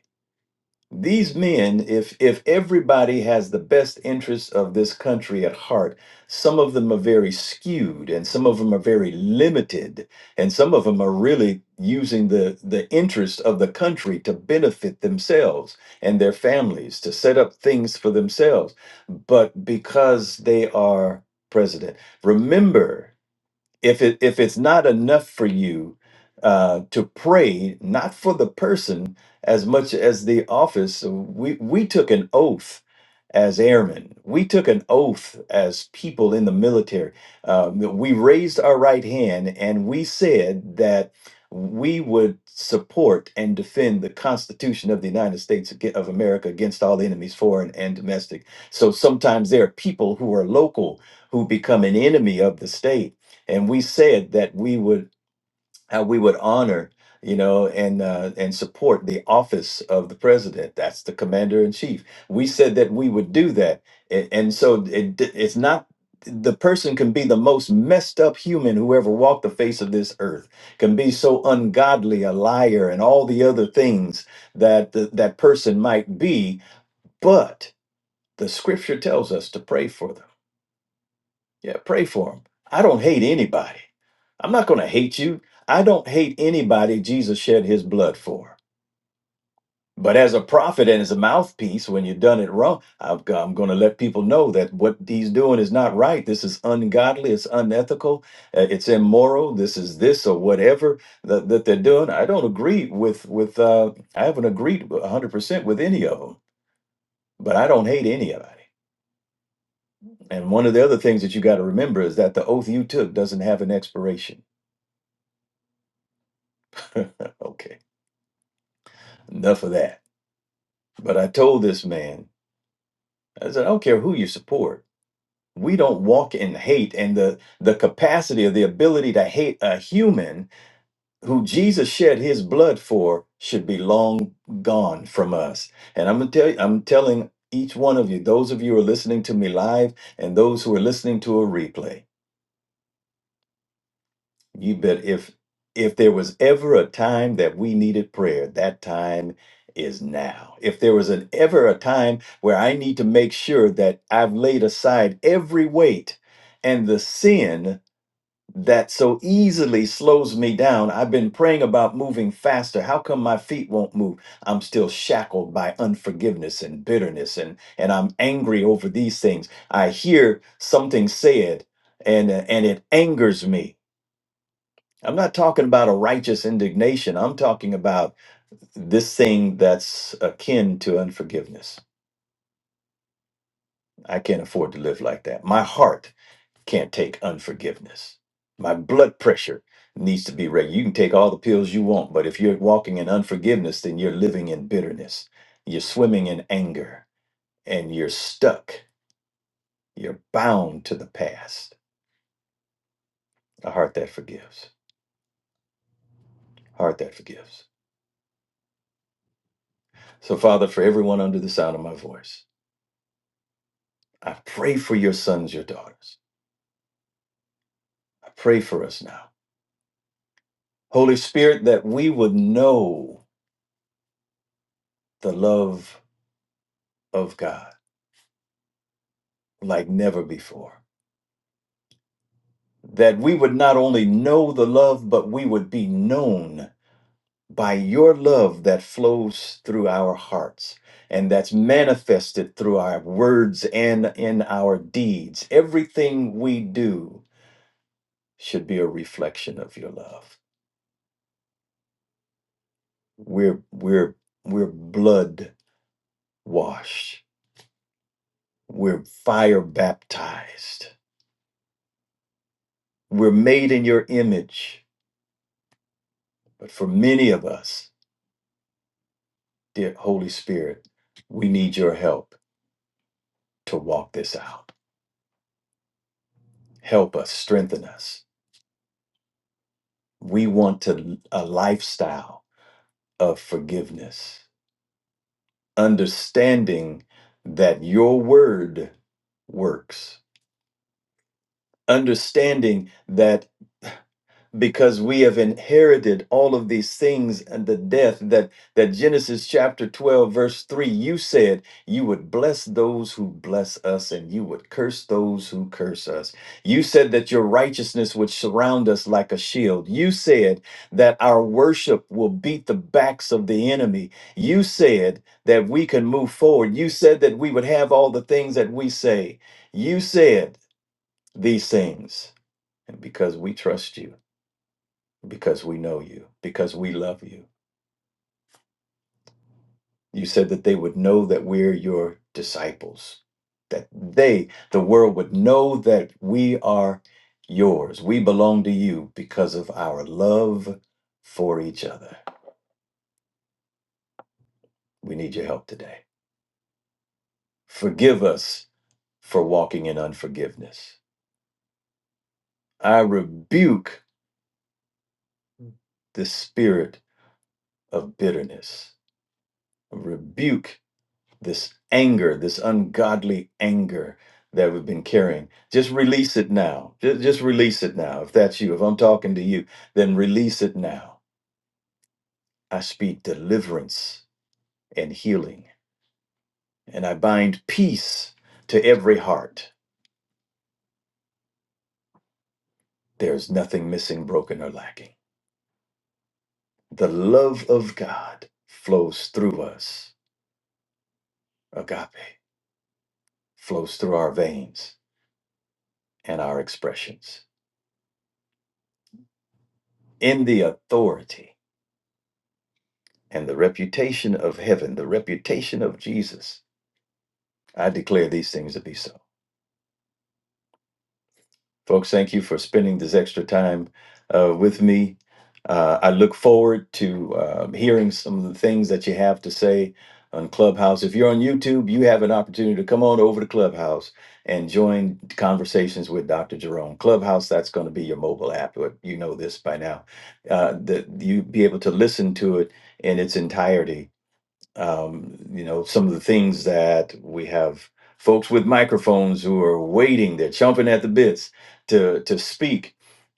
[SPEAKER 4] These men, if if everybody has the best interests of this country at heart, some of them are very skewed and some of them are very limited, and some of them are really using the the interest of the country to benefit themselves and their families, to set up things for themselves. But because they are president, remember if it if it's not enough for you uh, to pray not for the person as much as the office so we we took an oath as airmen we took an oath as people in the military um, that we raised our right hand and we said that we would support and defend the constitution of the united states aga- of america against all enemies foreign and domestic so sometimes there are people who are local who become an enemy of the state and we said that we would how we would honor you know and uh, and support the office of the president that's the commander in chief we said that we would do that and, and so it, d- it's not the person can be the most messed up human who ever walked the face of this earth can be so ungodly a liar and all the other things that th- that person might be but the scripture tells us to pray for them yeah, pray for them. I don't hate anybody. I'm not going to hate you. I don't hate anybody Jesus shed his blood for. But as a prophet and as a mouthpiece, when you've done it wrong, I've go- am going to let people know that what he's doing is not right. This is ungodly. It's unethical. uh, It's immoral. This is this or whatever that, that they're doing. I don't agree with with. Uh, I haven't agreed 100 percent with any of them, but I don't hate anybody. And one of the other things that you got to remember is that the oath you took doesn't have an expiration. *laughs* okay, enough of that. But I told this man, I said, I don't care who you support. We don't walk in hate, and the the capacity or the ability to hate a human who Jesus shed His blood for should be long gone from us. And I'm gonna tell you, I'm telling each one of you, those of you who are listening to me live, and those who are listening to a replay. You bet if if there was ever a time that we needed prayer, that time is now. If there was an ever a time where I need to make sure that I've laid aside every weight and the sin that so easily slows me down. I've been praying about moving faster. How come my feet won't move? I'm still shackled by unforgiveness and bitterness and and I'm angry over these things. I hear something said and and it angers me I'm not talking about a righteous indignation. I'm talking about this thing that's akin to unforgiveness. I can't afford to live like that. My heart can't take unforgiveness. My blood pressure needs to be regular. You can take all the pills you want, but if you're walking in unforgiveness, then you're living in bitterness. You're swimming in anger and you're stuck. You're bound to the past. A heart that forgives. Heart that forgives. So, Father, for everyone under the sound of my voice, I pray for your sons, your daughters. I pray for us now. Holy Spirit, that we would know the love of God like never before. That we would not only know the love, but we would be known by your love that flows through our hearts and that's manifested through our words and in our deeds. Everything we do should be a reflection of your love. We're, we're, we're blood washed We're fire baptized. We're made in your image. But for many of us, dear Holy Spirit, we need your help to walk this out. Help us, strengthen us. We want to a lifestyle of forgiveness, understanding that your word works, understanding that because we have inherited all of these things and the death that that Genesis chapter 12 verse 3 you said you would bless those who bless us and you would curse those who curse us you said that your righteousness would surround us like a shield you said that our worship will beat the backs of the enemy you said that we can move forward you said that we would have all the things that we say you said these things and because we trust you because we know you, because we love you. You said that they would know that we're your disciples, that they, the world, would know that we are yours. We belong to you because of our love for each other. We need your help today. Forgive us for walking in unforgiveness. I rebuke the spirit of bitterness, rebuke this anger, this ungodly anger that we've been carrying. Just release it now. Just, just release it now. If that's you, if I'm talking to you, then release it now. I speak deliverance and healing, and I bind peace to every heart. There's nothing missing, broken, or lacking. The love of God flows through us. Agape flows through our veins and our expressions in the authority and the reputation of heaven, the reputation of Jesus. I declare these things to be so. Folks, thank you for spending this extra time uh, with me. Uh, I look forward to uh, hearing some of the things that you have to say on Clubhouse. If you're on YouTube, you have an opportunity to come on over to Clubhouse and join conversations with Dr. Jerome. Clubhouse, that's going to be your mobile app, but you know this by now. Uh, that you be able to listen to it in its entirety um, you know, some of the things that we have folks with microphones who are waiting, they're chomping at the bits to to speak,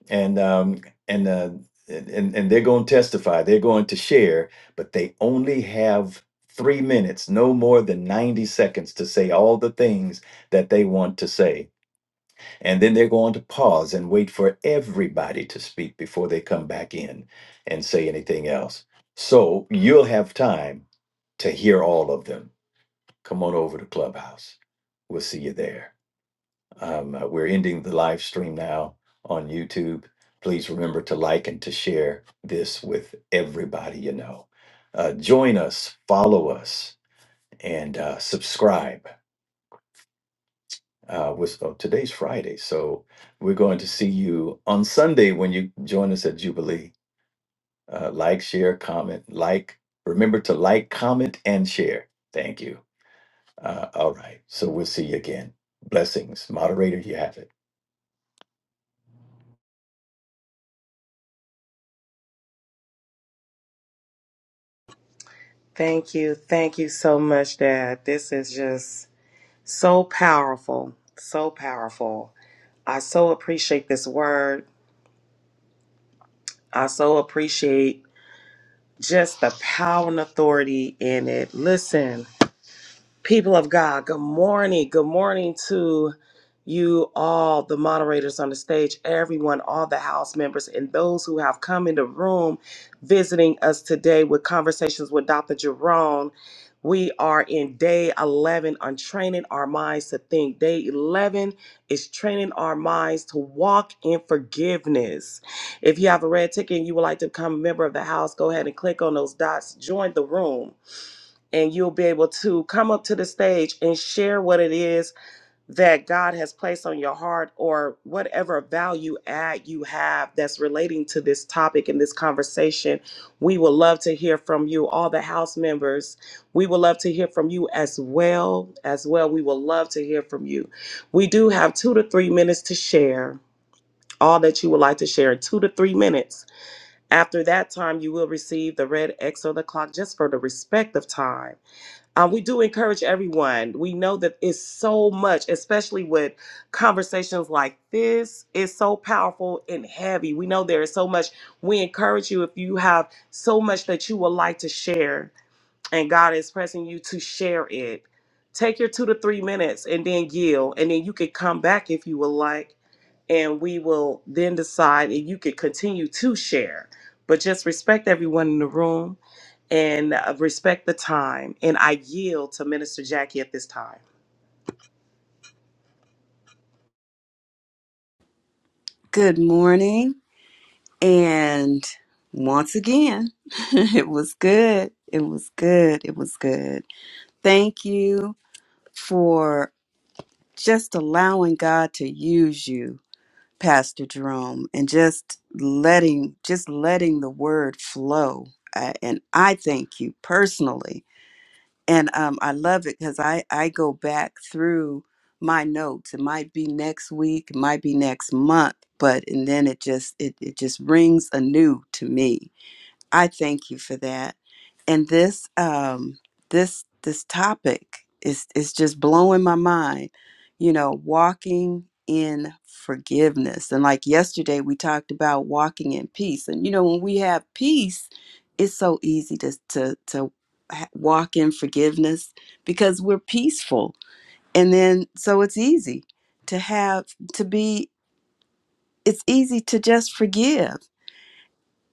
[SPEAKER 4] and um, and uh, and and they're going to testify, they're going to share, but they only have three minutes, no more than ninety seconds, to say all the things that they want to say and then they're going to pause and wait for everybody to speak before they come back in and say anything else. So you'll have time to hear all of them. Come on over to Clubhouse. We'll see you there. Um, uh, we're ending the live stream now on YouTube. Please remember to like and to share this with everybody you know. Uh, join us, follow us, and uh, subscribe uh, with uh, today's Friday. So we're going to see you on Sunday when you join us at Jubilee. Uh, like, share, comment, like. Remember to like, comment, and share. Thank you. Uh, all right. So we'll see you again. Blessings. Moderator, you have it.
[SPEAKER 1] Thank you. Thank you so much, Dad. This is just so powerful. So powerful. I so appreciate this word. I so appreciate just the power and authority in it. Listen, People of God, good morning. Good morning to you all, the moderators on the stage, everyone, all the house members, and those who have come in the room visiting us today with conversations with Dr. Jerome. We are in day 11 on training our minds to think. Day 11 is training our minds to walk in forgiveness. If you have a red ticket and you would like to become a member of the house, go ahead and click on those dots, join the room and you'll be able to come up to the stage and share what it is that God has placed on your heart or whatever value add you have that's relating to this topic and this conversation. We would love to hear from you, all the house members. We would love to hear from you as well. As well, we would love to hear from you. We do have two to three minutes to share all that you would like to share in two to three minutes. After that time, you will receive the red X or the clock just for the respect of time. Um, we do encourage everyone. We know that it's so much, especially with conversations like this, it's so powerful and heavy. We know there is so much. We encourage you if you have so much that you would like to share and God is pressing you to share it. Take your two to three minutes and then yield, and then you could come back if you would like, and we will then decide if you could continue to share. But just respect everyone in the room and uh, respect the time. And I yield to Minister Jackie at this time.
[SPEAKER 2] Good morning. And once again, *laughs* it was good. It was good. It was good. Thank you for just allowing God to use you, Pastor Jerome, and just letting just letting the word flow. I, and I thank you personally. And um, I love it because I, I go back through my notes. It might be next week, it might be next month, but and then it just it, it just rings anew to me I thank you for that. And this um this this topic is is just blowing my mind. You know, walking in forgiveness. And like yesterday we talked about walking in peace. And you know, when we have peace, it's so easy to to to ha- walk in forgiveness because we're peaceful. And then so it's easy to have to be it's easy to just forgive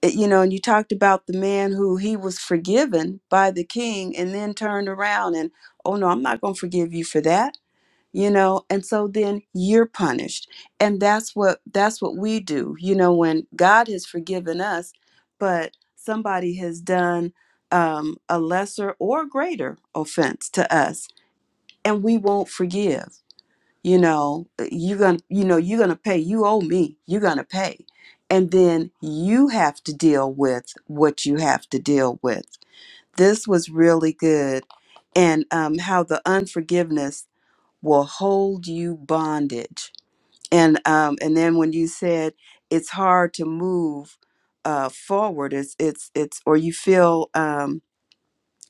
[SPEAKER 2] it- you know, and you talked about the man who he was forgiven by the king and then turned around and, oh no, I'm not going to forgive you for that, you know, and so then you're punished. And that's what that's what we do. You know, when God has forgiven us, but somebody has done um, a lesser or greater offense to us and we won't forgive you know uh, you are gonna you know you're gonna pay you owe me you're gonna pay and then you have to deal with what you have to deal with this was really good and um, how the unforgiveness will hold you bondage and um, and then when you said it's hard to move uh, forward it's it's it's or you feel um,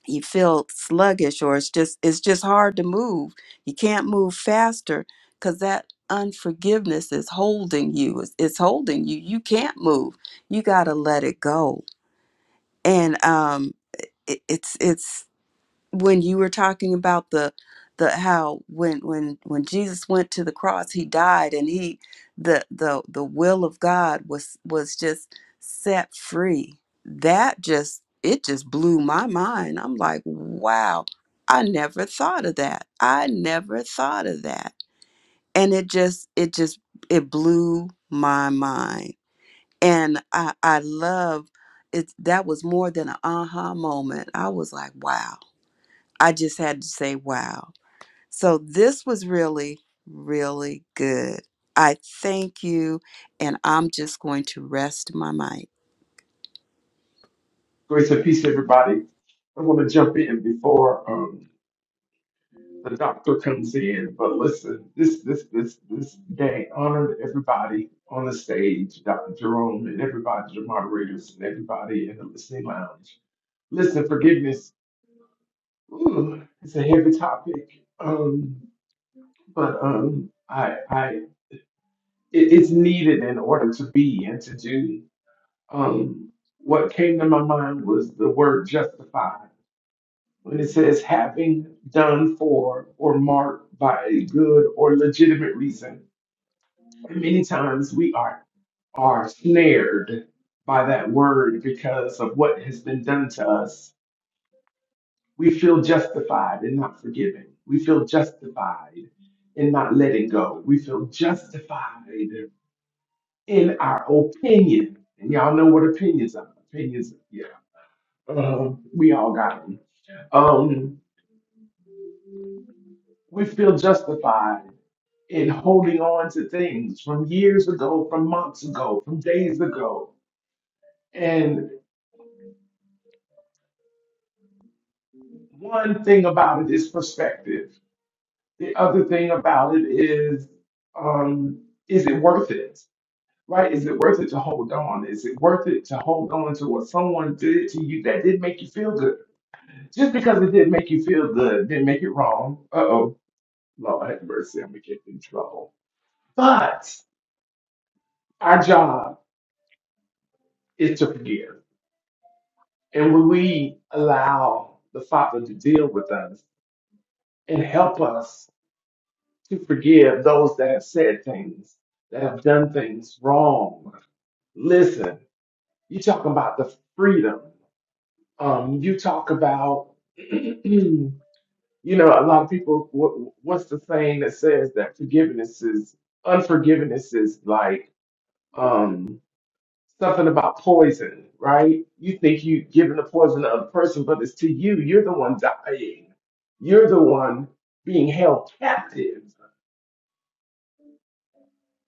[SPEAKER 2] you feel sluggish or it's just it's just hard to move you can't move faster because that unforgiveness is holding you it's, it's holding you you can't move you got to let it go and um it, it's it's when you were talking about the the how when when when Jesus went to the cross he died and he the the the will of God was was just set free that just it just blew my mind I'm like wow I never thought of that I never thought of that and it just it just it blew my mind and I I love it that was more than an aha moment I was like wow I just had to say, wow. So this was really, really good. I thank you, and I'm just going to rest my mic.
[SPEAKER 3] Grace and peace, everybody. I want to jump in before um, the doctor comes in. But listen, this this this this day honored everybody on the stage, Dr. Jerome and everybody, the moderators and everybody in the listening lounge. Listen, forgiveness. Ooh, it's a heavy topic. Um, but um, I I it, it's needed in order to be and to do. Um, what came to my mind was the word justify. when it says having done for or marked by a good or legitimate reason. And many times we are are snared by that word because of what has been done to us. We feel justified in not forgiving. We feel justified in not letting go. We feel justified in our opinion. And y'all know what opinions are. Opinions, yeah. Uh, we all got them. Um, We feel justified in holding on to things from years ago, from months ago, from days ago. And one thing about it is perspective. The other thing about it is, um, is it worth it? Right? Is it worth it to hold on? Is it worth it to hold on to what someone did to you that did not make you feel good? Just because it didn't make you feel good didn't make it wrong. Uh oh, Lord have mercy, I'm gonna get in trouble. But our job is to forgive And when we allow the Father to deal with us and help us to forgive those that have said things, that have done things wrong, listen, you talk about the freedom. Um, you talk about, *clears throat* you know, a lot of people, what, what's the saying that says that forgiveness is, unforgiveness is like, um, something about poison, right? You think you giving the poison to other person, but it's to you. You're the one dying. You're the one being held captive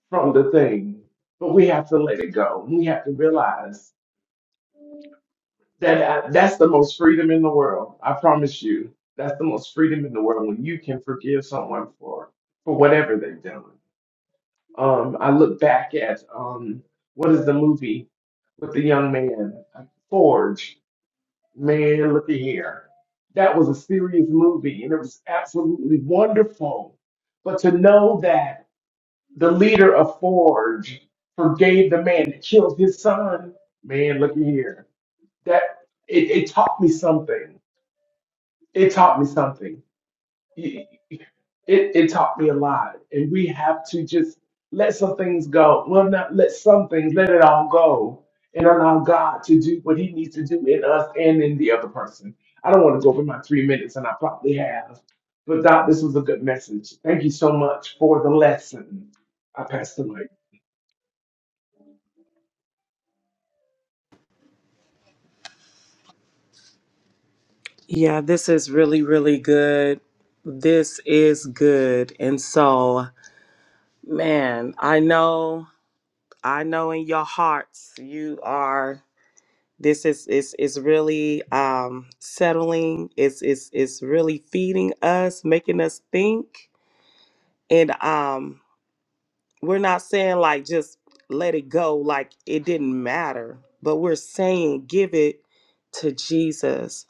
[SPEAKER 3] from the thing. But we have to let it go. We have to realize that uh, that's the most freedom in the world. I promise you, that's the most freedom in the world when you can forgive someone for for whatever they've done. Um, I look back at um, what is the movie with the young man, Forge Man, look at here. That was a serious movie and it was absolutely wonderful. But to know that the leader of Forge forgave the man that killed his son, man, look at here. That it, it taught me something. It taught me something it, it taught me a lot. And we have to just let some things go. Well, not let some things, let it all go and allow God to do what he needs to do in us and in the other person. I don't want to go over my three minutes, and I probably have. But, Doc, this was a good message. Thank you so much for the lesson. I passed the mic.
[SPEAKER 1] Yeah, this is really, really good. This is good. And so, man, I know, I know in your hearts you are. This is is is really um, settling. It's it's it's really feeding us, making us think, and um, we're not saying like just let it go, like it didn't matter, but we're saying give it to Jesus.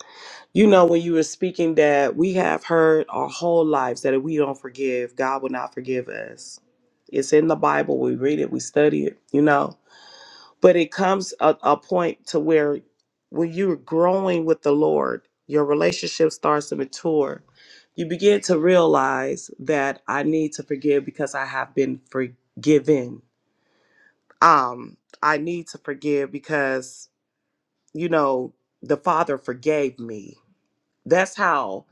[SPEAKER 1] You know, when you were speaking that we have heard our whole lives that if we don't forgive, God will not forgive us. It's in the Bible. We read it. We study it. You know, but it comes a, a point to where when you're growing with the lord your relationship starts to mature you begin to realize that i need to forgive because i have been forgiven um i need to forgive because you know the father forgave me that's how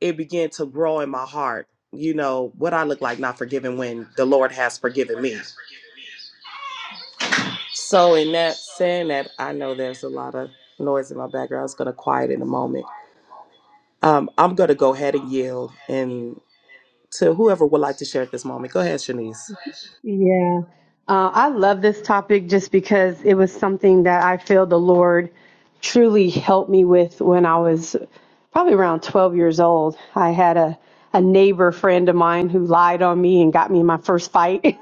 [SPEAKER 1] it began to grow in my heart you know what i look like not forgiving when the lord has forgiven me So, in that saying that, I know there's a lot of noise in my background. It's going to quiet in a moment. Um, I'm going to go ahead and yield and to whoever would like to share at this moment. Go ahead, Shanice.
[SPEAKER 5] Yeah. Uh, I love this topic just because it was something that I feel the Lord truly helped me with when I was probably around 12 years old. I had a, a neighbor friend of mine who lied on me and got me in my first fight. *laughs*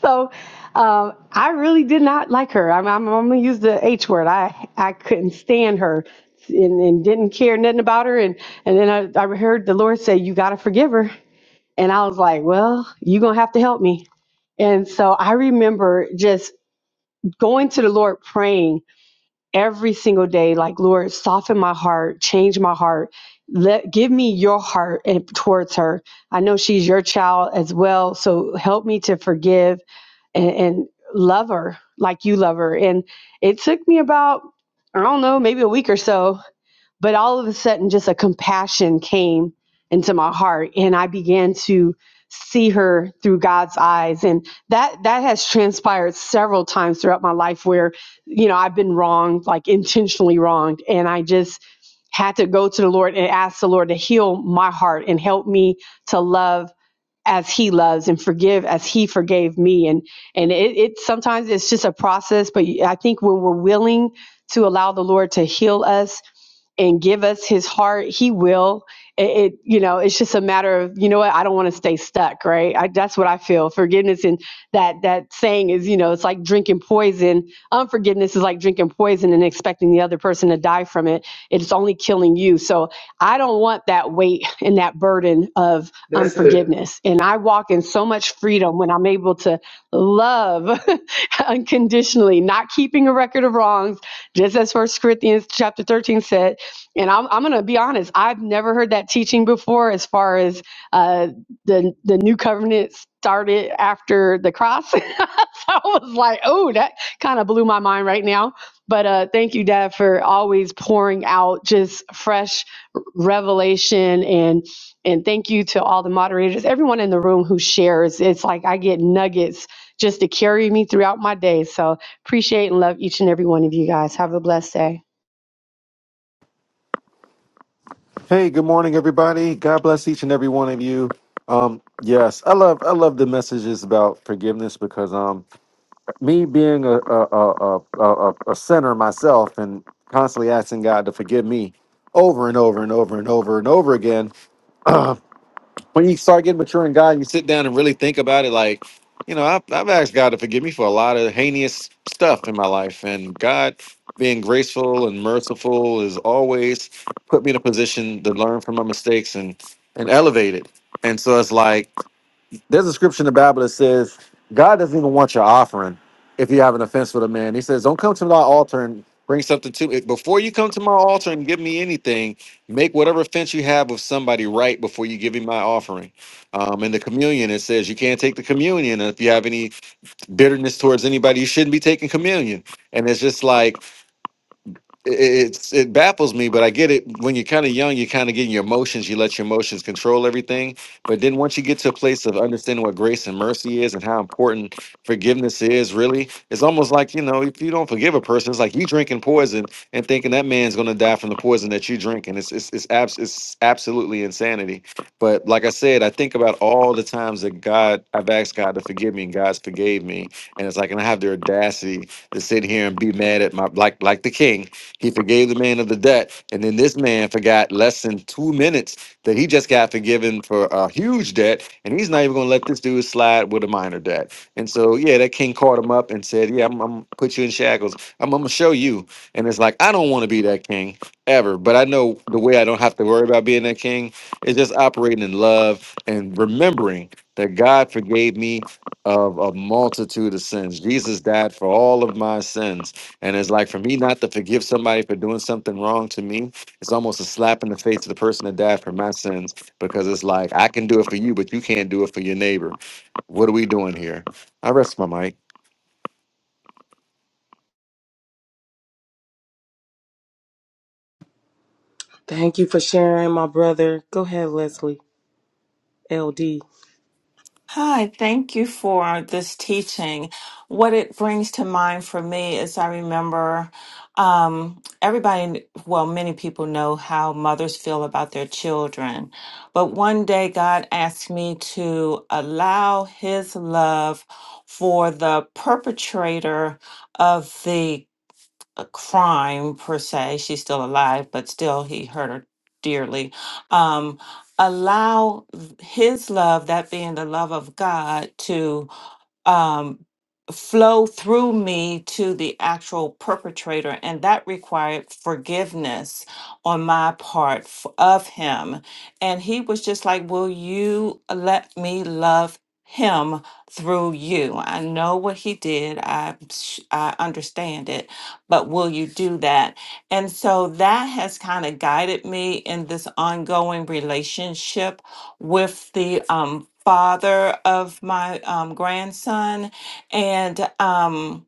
[SPEAKER 5] so um, I really did not like her. I'm, I'm, I'm going to use the H word. I, I couldn't stand her and, and didn't care nothing about her. And, and then I, I heard the Lord say, You got to forgive her. And I was like, Well, you're going to have to help me. And so I remember just going to the Lord praying every single day, like, Lord, soften my heart, change my heart. Let give me your heart and towards her. I know she's your child as well. So help me to forgive and, and love her like you love her. And it took me about, I don't know, maybe a week or so but all of a sudden just a compassion came into my heart and i began to see her through god's eyes and that that has transpired several times throughout my life where you know i've been wronged like intentionally wronged and i just had to go to the lord and ask the lord to heal my heart and help me to love as he loves and forgive as he forgave me and and it, it sometimes it's just a process but i think when we're willing to allow the lord to heal us and give us his heart he will it, it you know it's just a matter of you know what i don't want to stay stuck right I, that's what i feel forgiveness and that that saying is you know it's like drinking poison unforgiveness is like drinking poison and expecting the other person to die from it it's only killing you so i don't want that weight and that burden of
[SPEAKER 3] That's it.
[SPEAKER 5] unforgiveness and i walk in so much freedom when i'm able to love *laughs* unconditionally not keeping a record of wrongs just as first corinthians chapter 13 said and I'm, I'm going to be honest, I've never heard that teaching before as far as uh, the, the new covenant started after the cross. *laughs* so I was like, oh, that kind of blew my mind right now. But uh, thank you, Dad, for always pouring out just fresh revelation and and thank you to all the moderators, everyone in the room who shares. It's like I get nuggets just to carry me throughout my day. So appreciate and love each and every one of you guys. Have a blessed day.
[SPEAKER 6] Hey, good morning, everybody. God bless each and every one of you. Um, yes, I love I love the messages about forgiveness because um, me being a a, a, a a a sinner myself and constantly asking God to forgive me over and over and over and over and over again, *clears throat* when you start getting mature in God and you sit down and really think about it, like, you know, I've, I've asked God to forgive me for a lot of heinous stuff in my life. And God, being graceful and merciful, has always put me in a position to learn from my mistakes and, and elevate it. And so it's like, there's a scripture in the Bible that says God doesn't even want your offering if you have an offense with a man. He says, Don't come to my altar and bring something to me. Before you come to my altar and give me anything, make whatever offense you have with somebody right before you give me my offering. Um, and the communion, it says you can't take the communion if you have any bitterness towards anybody, you shouldn't be taking communion. And it's just like, it, it's it baffles me, but I get it. When you're kind of young, you're kind of getting your emotions. You let your emotions control everything. But then once you get to a place of understanding what grace and mercy is and how important forgiveness is, really, it's almost like you know, if you don't forgive a person, it's like you drinking poison and thinking that man's gonna die from the poison that you drinking. It's it's it's, abs- it's absolutely insanity. But like I said, I think about all the times that God, I've asked God to forgive me, and God's forgave me, and it's like, and I have the audacity to sit here and be mad at my like like the king he forgave the man of the debt. And then this man forgot less than two minutes that he just got forgiven for a huge debt. And he's not even going to let this dude slide with a minor debt. And so, yeah, that king caught him up and said, Yeah, I'm, I'm going to put you in shackles. I'm, I'm going to show you. And it's like, I don't want to be that king ever. But I know the way I don't have to worry about being that king is just operating in love and remembering that God forgave me of a multitude of sins. Jesus died for all of my sins and it's like for me not to forgive somebody for doing something wrong to me, it's almost a slap in the face to the person that died for my sins because it's like I can do it for you, but you can't do it for your neighbor. What are we doing here? I rest my mic.
[SPEAKER 1] Thank you for sharing, my brother. Go ahead, Leslie. LD.
[SPEAKER 7] Hi, thank you for this teaching. What it brings to mind for me is I remember um, everybody, well, many people know how mothers feel about their children. But one day, God asked me to allow His love for the perpetrator of the a crime per se. She's still alive, but still he hurt her dearly. Um, allow his love, that being the love of God, to um, flow through me to the actual perpetrator, and that required forgiveness on my part f- of him. And he was just like, Will you let me love? him through you i know what he did i sh- i understand it but will you do that and so that has kind of guided me in this ongoing relationship with the um, father of my um, grandson, and um,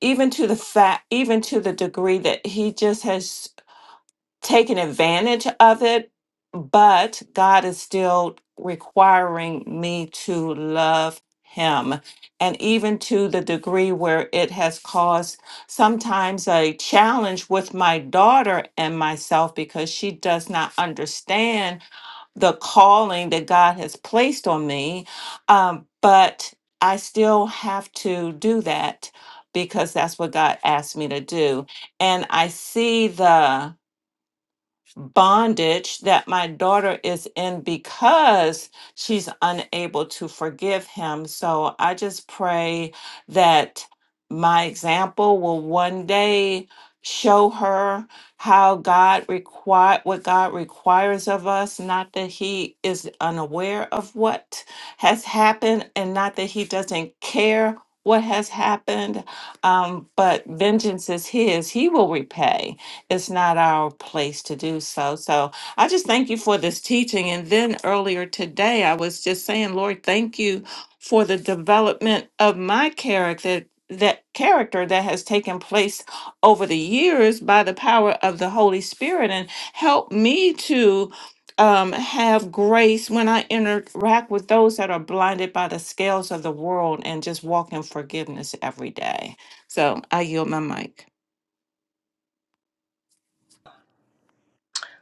[SPEAKER 7] even to the fact, even to the degree that he just has taken advantage of it. But God is still requiring me to love him, and even to the degree where it has caused sometimes a challenge with my daughter and myself because she does not understand the calling that God has placed on me. Um, but I still have to do that because that's what God asked me to do. And I see the bondage that my daughter is in because she's unable to forgive him. So I just pray that my example will one day show her how God require what God requires of us, not that he is unaware of what has happened and not that he doesn't care what has happened. Um, but vengeance is his. He will repay it's not our place to do so. So I just thank you for this teaching. And then earlier today, I was just saying, Lord, thank you for the development of my character. That character that has taken place over the years by the power of the Holy Spirit, and help me to um, have grace when I interact with those that are blinded by the scales of the world and just walk in forgiveness every day. So I yield my mic.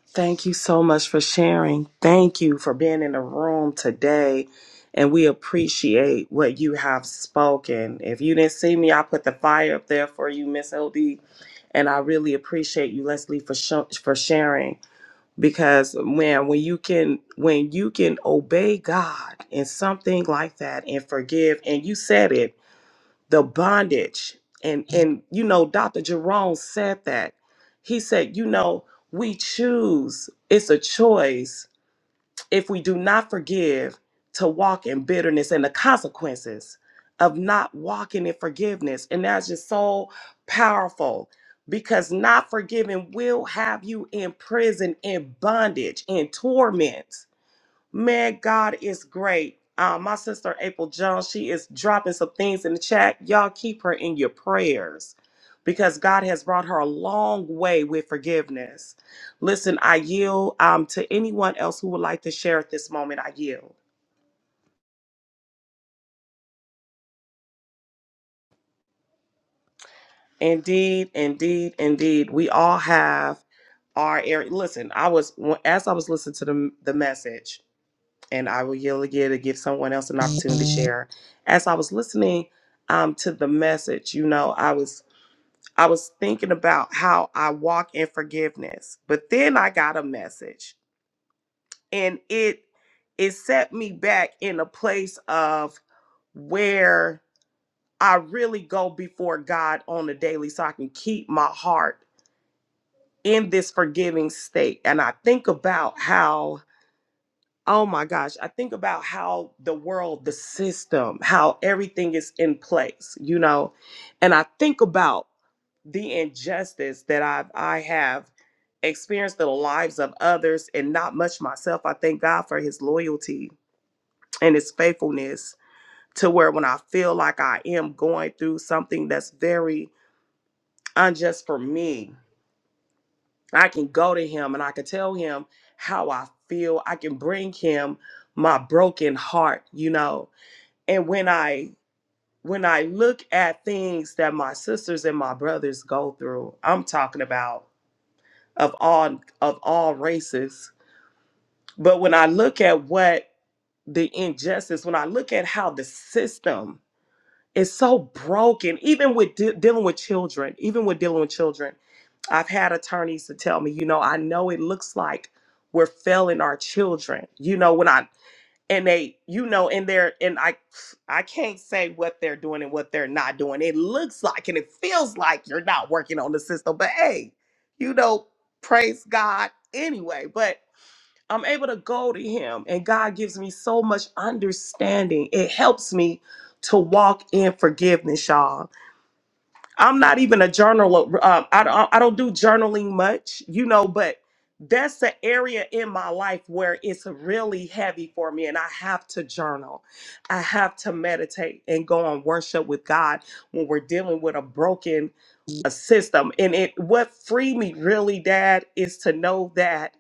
[SPEAKER 1] Thank you so much for sharing. Thank you for being in the room today. And we appreciate what you have spoken. If you didn't see me, I put the fire up there for you, Miss LD. And I really appreciate you, Leslie, for, sh- for sharing. because when when you can when you can obey god in something like that and forgive and you said it the bondage and and you know dr jerome said that he said you know we choose it's a choice if we do not forgive, to walk in bitterness and the consequences of not walking in forgiveness. And that's just so powerful because not forgiving will have you in prison, in bondage, in torment. Man, God is great. Uh, my sister April Jones, she is dropping some things in the chat. Y'all keep her in your prayers because God has brought her a long way with forgiveness. Listen, I yield um, to anyone else who would like to share at this moment. I yield. Indeed, indeed, indeed. We all have our area. Listen, I was as I was listening to the the message. and I will yield again to give someone else an opportunity to share. As I was listening um, to the message, you know, I was I was thinking about how I walk in forgiveness, but then I got a message, and it it set me back in a place of where I really go before God on a daily, so I can keep my heart in this forgiving state. And I think about how Oh my gosh, I think about how the world, the system, how everything is in place, you know, and I think about the injustice that I've I have experienced in the lives of others and not much myself. I thank God for his loyalty and his faithfulness to where when I feel like I am going through something that's very unjust for me, I can go to him and I can tell him how I feel. I can bring him my broken heart, you know and when i when i look at things that my sisters and my brothers go through i'm talking about of all of all races but when i look at what the injustice when i look at how the system is so broken even with de- dealing with children even with dealing with children i've had attorneys to tell me you know i know it looks like we're failing our children you know when i and they you know and they're and i i can't say what they're doing and what they're not doing it looks like and it feels like you're not working on the system but hey you know praise god anyway but i'm able to go to him and god gives me so much understanding it helps me to walk in forgiveness y'all I'm not even a journaler. Um, I don't I don't do journaling much, you know, but that's the area in my life where it's really heavy for me and I have to journal. I have to meditate and go on worship with God when we're dealing with a broken a system. And it what freed me really, Dad, is to know that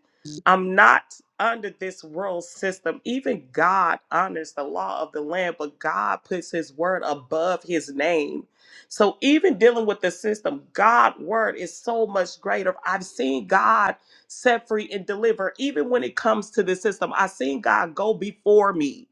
[SPEAKER 1] I'm not under this world system. Even God honors the law of the land, but God puts his word above his name so even dealing with the system, God' word is so much greater. I've seen God set free and deliver, even when it comes to the system. I've seen God go before me.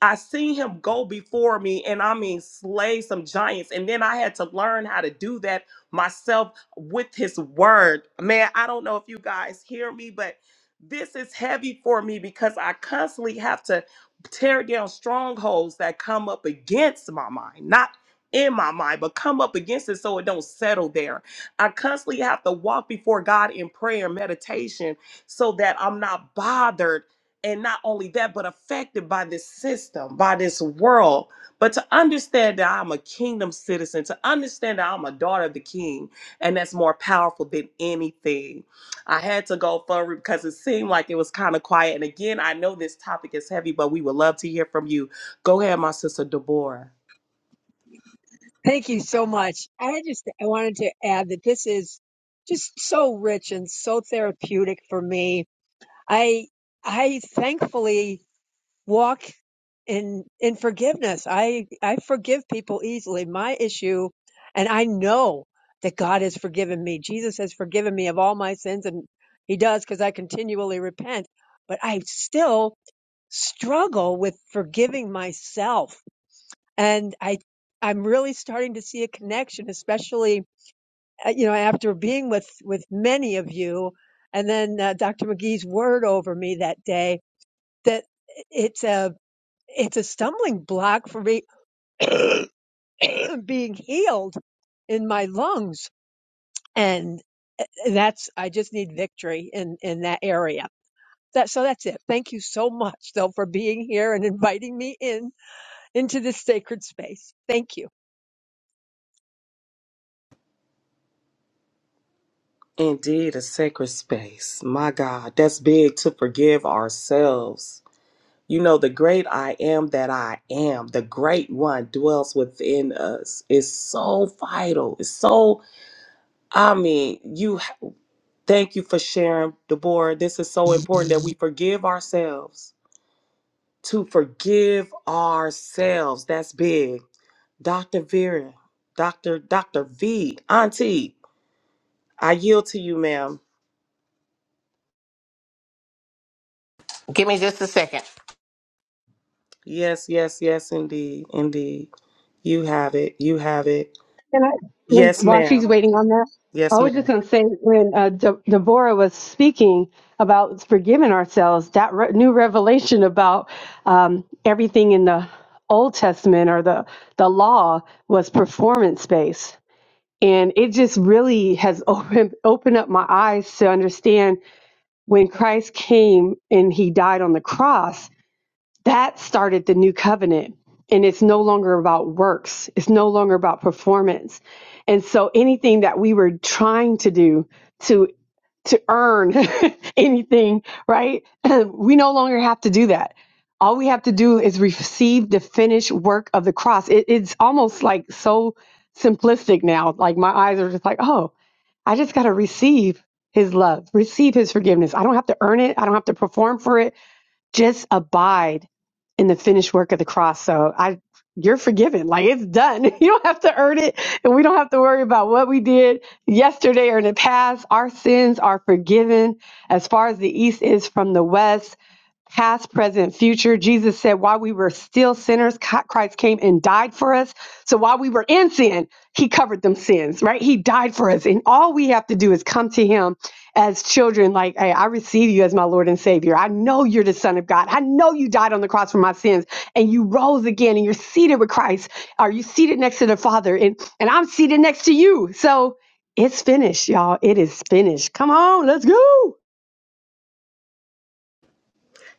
[SPEAKER 1] I seen him go before me and I mean slay some giants. And then I had to learn how to do that myself with his word. Man, I don't know if you guys hear me, but this is heavy for me because I constantly have to tear down strongholds that come up against my mind, not in my mind, but come up against it so it don't settle there. I constantly have to walk before God in prayer and meditation so that I'm not bothered and not only that, but affected by this system, by this world. But to understand that I'm a kingdom citizen, to understand that I'm a daughter of the king, and that's more powerful than anything. I had to go forward because it seemed like it was kind of quiet. And again, I know this topic is heavy, but we would love to hear from you. Go ahead, my sister Deborah.
[SPEAKER 8] Thank you so much. I just I wanted to add that this is just so rich and so therapeutic for me. I I thankfully walk in in forgiveness. I I forgive people easily. My issue and I know that God has forgiven me. Jesus has forgiven me of all my sins and he does cuz I continually repent, but I still struggle with forgiving myself and I I'm really starting to see a connection, especially uh, you know after being with with many of you, and then uh, Dr. McGee's word over me that day that it's a it's a stumbling block for me *coughs* *clears throat* being healed in my lungs, and uh, that's I just need victory in in that area. That, so that's it. Thank you so much, though, for being here and inviting me in into this sacred space. Thank you.
[SPEAKER 1] Indeed, a sacred space. My God, that's big to forgive ourselves. You know, the great I am that I am, the great one dwells within us. It's so vital. It's so, I mean, you thank you for sharing, Deborah. This is so important that we *laughs* forgive ourselves. To forgive ourselves. That's big. Dr. Vera, Dr. Dr. V, Auntie, I yield to you, ma'am.
[SPEAKER 9] Give me just a second.
[SPEAKER 1] Yes, yes, yes, indeed. Indeed. You have it. You have it.
[SPEAKER 5] Can I, when,
[SPEAKER 1] Yes,
[SPEAKER 5] while she's
[SPEAKER 1] ma'am.
[SPEAKER 5] waiting on that, I
[SPEAKER 1] Yes,
[SPEAKER 5] was
[SPEAKER 1] ma'am.
[SPEAKER 5] just going to say when uh, De- Deborah was speaking about forgiving ourselves, that re- new revelation about um, everything in the Old Testament or the, the law was performance based. And it just really has *laughs* opened, opened up my eyes to understand when Christ came and he died on the cross that started the new covenant. And it's no longer about works, it's no longer about performance. And so anything that we were trying to do to to earn *laughs* anything, right? *clears throat* we no longer have to do that. All we have to do is receive the finished work of the cross. It, it's almost like so simplistic now. Like my eyes are just like, oh, I just got to receive his love, receive his forgiveness. I don't have to earn it. I don't have to perform for it. Just abide in the finished work of the cross. So I you're forgiven. Like it's done. *laughs* You don't have to earn it. And we don't have to worry about what we did yesterday or in the past. Our sins are forgiven as far as the east is from the west past, present, future. Jesus said, while we were still sinners, Co- Christ came and died for us. So while we were in sin, he covered them sins, right? He died for us. And all we have to do is come to him as children, like, hey, I receive you as my Lord and Savior. I know you're the Son of God. I know you died on the cross for my sins and you rose again and you're seated with Christ. Are you seated next to the Father? And, and I'm seated next to you. So it's finished, y'all. It is finished. Come on, let's go.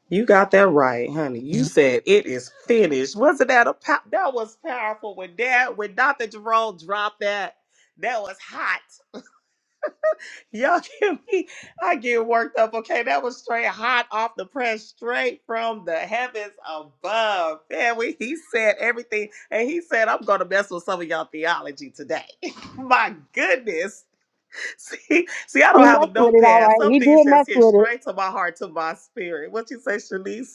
[SPEAKER 1] You got that right, honey. You said it is finished. Wasn't that a pow- that was powerful when Dad when Dr. Jerome dropped that? That was hot. Y'all *laughs* give me I get worked up. Okay, that was straight hot off the press, straight from the heavens above. Man, we, he said everything, and he said, "I'm gonna mess with some of y'all theology today." *laughs* my goodness. See, see, I
[SPEAKER 5] He
[SPEAKER 1] don't have a
[SPEAKER 5] messed with it all
[SPEAKER 1] notepad.
[SPEAKER 5] right.
[SPEAKER 1] Some
[SPEAKER 5] He
[SPEAKER 1] things
[SPEAKER 5] did mess
[SPEAKER 1] just hit
[SPEAKER 5] with it.
[SPEAKER 1] straight to my heart, to my spirit. What you say, Shanice?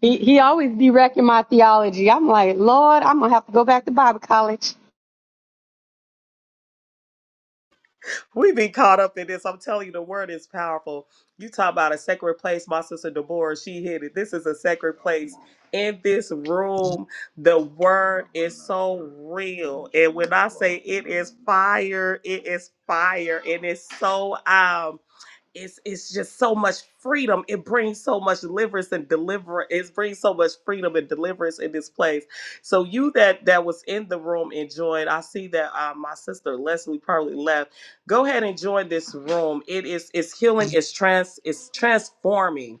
[SPEAKER 5] He he always be wrecking my theology. I'm like, Lord, I'm gonna have to go back to Bible college.
[SPEAKER 1] we be caught up in this. I'm telling you, the word is powerful. You talk about a sacred place. My sister Deborah, she hit it. This is a sacred place. In this room, the word is so real. And when I say it is fire, it is fire. And it's so um it's it's just so much freedom. It brings so much deliverance and deliver. It brings so much freedom and deliverance in this place. So you that that was in the room and joined. I see that uh, my sister Leslie probably left. Go ahead and join this room. It is it's healing. It's trans. It's transforming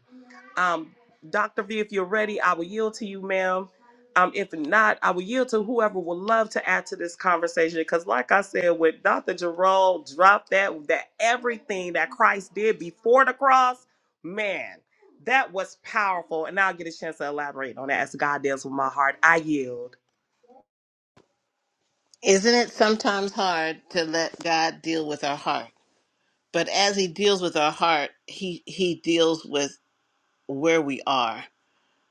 [SPEAKER 1] um, Dr. V, if you're ready, I will yield to you, ma'am. Um, if not, I will yield to whoever would love to add to this conversation. Because, like I said, with Dr. Jerome dropped that that everything that Christ did before the cross, man, that was powerful. And I'll get a chance to elaborate on that as God deals with my heart. I yield.
[SPEAKER 9] Isn't it sometimes hard to let God deal with our heart? But as he deals with our heart, he he deals with where we are.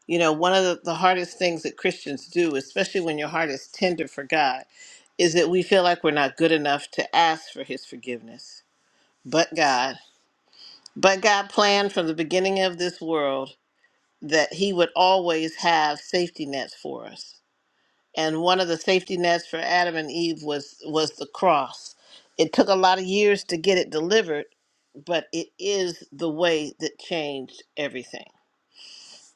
[SPEAKER 9] You know, one of the, the hardest things that Christians do, especially when your heart is tender for God, is that we feel like we're not good enough to ask for his forgiveness. But God, but God planned from the beginning of this world that he would always have safety nets for us. and one of the safety nets for Adam and Eve was was the cross. It took a lot of years to get it delivered, but it is the way that changed everything.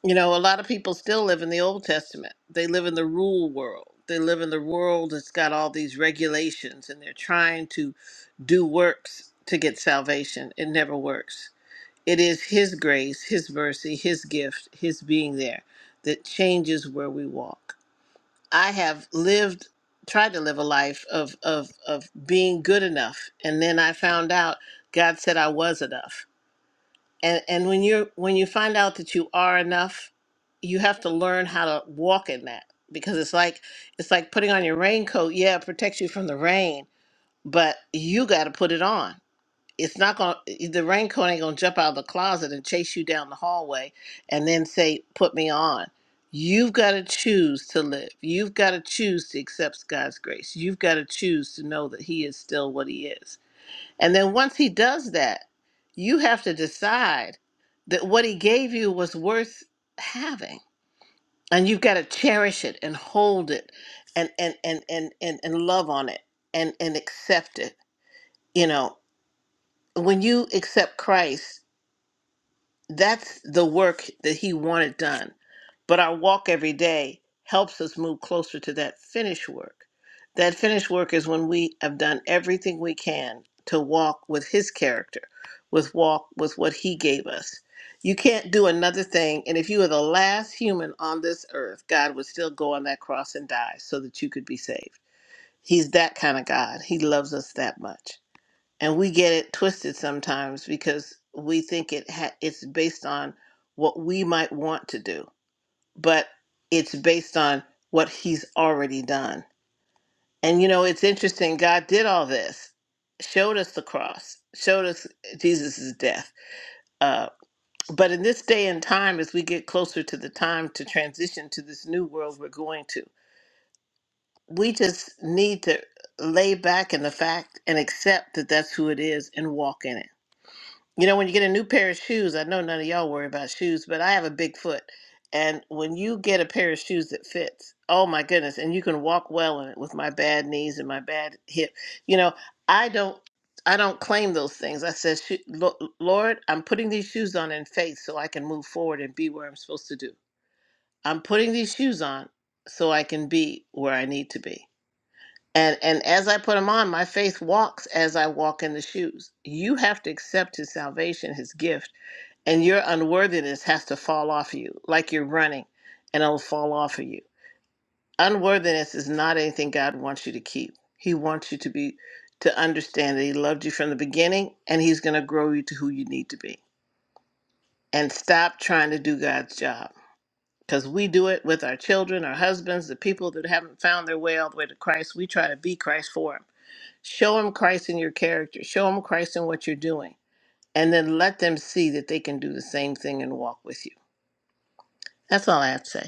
[SPEAKER 9] You know, a lot of people still live in the Old Testament. They live in the rule world. They live in the world that's got all these regulations and they're trying to do works to get salvation. It never works. It is his grace, his mercy, his gift, his being there that changes where we walk I have lived tried to live a life of of of being good enough and then I found out God said I was enough. And and when you're when you find out that you are enough, you have to learn how to walk in that because it's like it's like putting on your raincoat. Yeah, it protects you from the rain, but you got to put it on it's not going to the raincoat ain't going to jump out of the closet and chase you down the hallway and then say put me on you've got to choose to live you've got to choose to accept god's grace you've got to choose to know that he is still what he is and then once he does that you have to decide that what he gave you was worth having and you've got to cherish it and hold it and and and and and, and love on it and and accept it you know when you accept christ that's the work that he wanted done. But our walk every day helps us move closer to that finished work. That finished work is when we have done everything we can to walk with his character, with walk with what he gave us. You can't do another thing, and if you were the last human on this earth, God would still go on that cross and die so that you could be saved. He's that kind of God. He loves us that much and we get it twisted sometimes because we think it ha- it's based on what we might want to do but it's based on what he's already done and you know it's interesting god did all this showed us the cross showed us jesus' death uh, but in this day and time as we get closer to the time to transition to this new world we're going to we just need to lay back in the fact and accept that that's who it is and walk in it You know, when you get a new pair of shoes, I know none of y'all worry about shoes, but I have a big foot. And when you get a pair of shoes that fits, oh my goodness, and you can walk well in it with my bad knees and my bad hip. You know, I don't I don't claim those things. I said, "Sho- Lo- Lord, I'm putting these shoes on in faith so I can move forward and be where I'm supposed to do. I'm putting these shoes on so I can be where I need to be. And and as I put them on, my faith walks as I walk in the shoes. You have to accept his salvation, his gift and your unworthiness has to fall off you, like you're running, and it'll fall off of you. Unworthiness is not anything God wants you to keep. He wants you to be to understand that He loved you from the beginning, and He's going to grow you to who you need to be. And stop trying to do God's job. Because we do it with our children, our husbands, the people that haven't found their way all the way to Christ. We try to be Christ for them. Show them Christ in your character. Show them Christ in what you're doing. And then let them see that they can do the same thing and walk with you. That's all I have to say.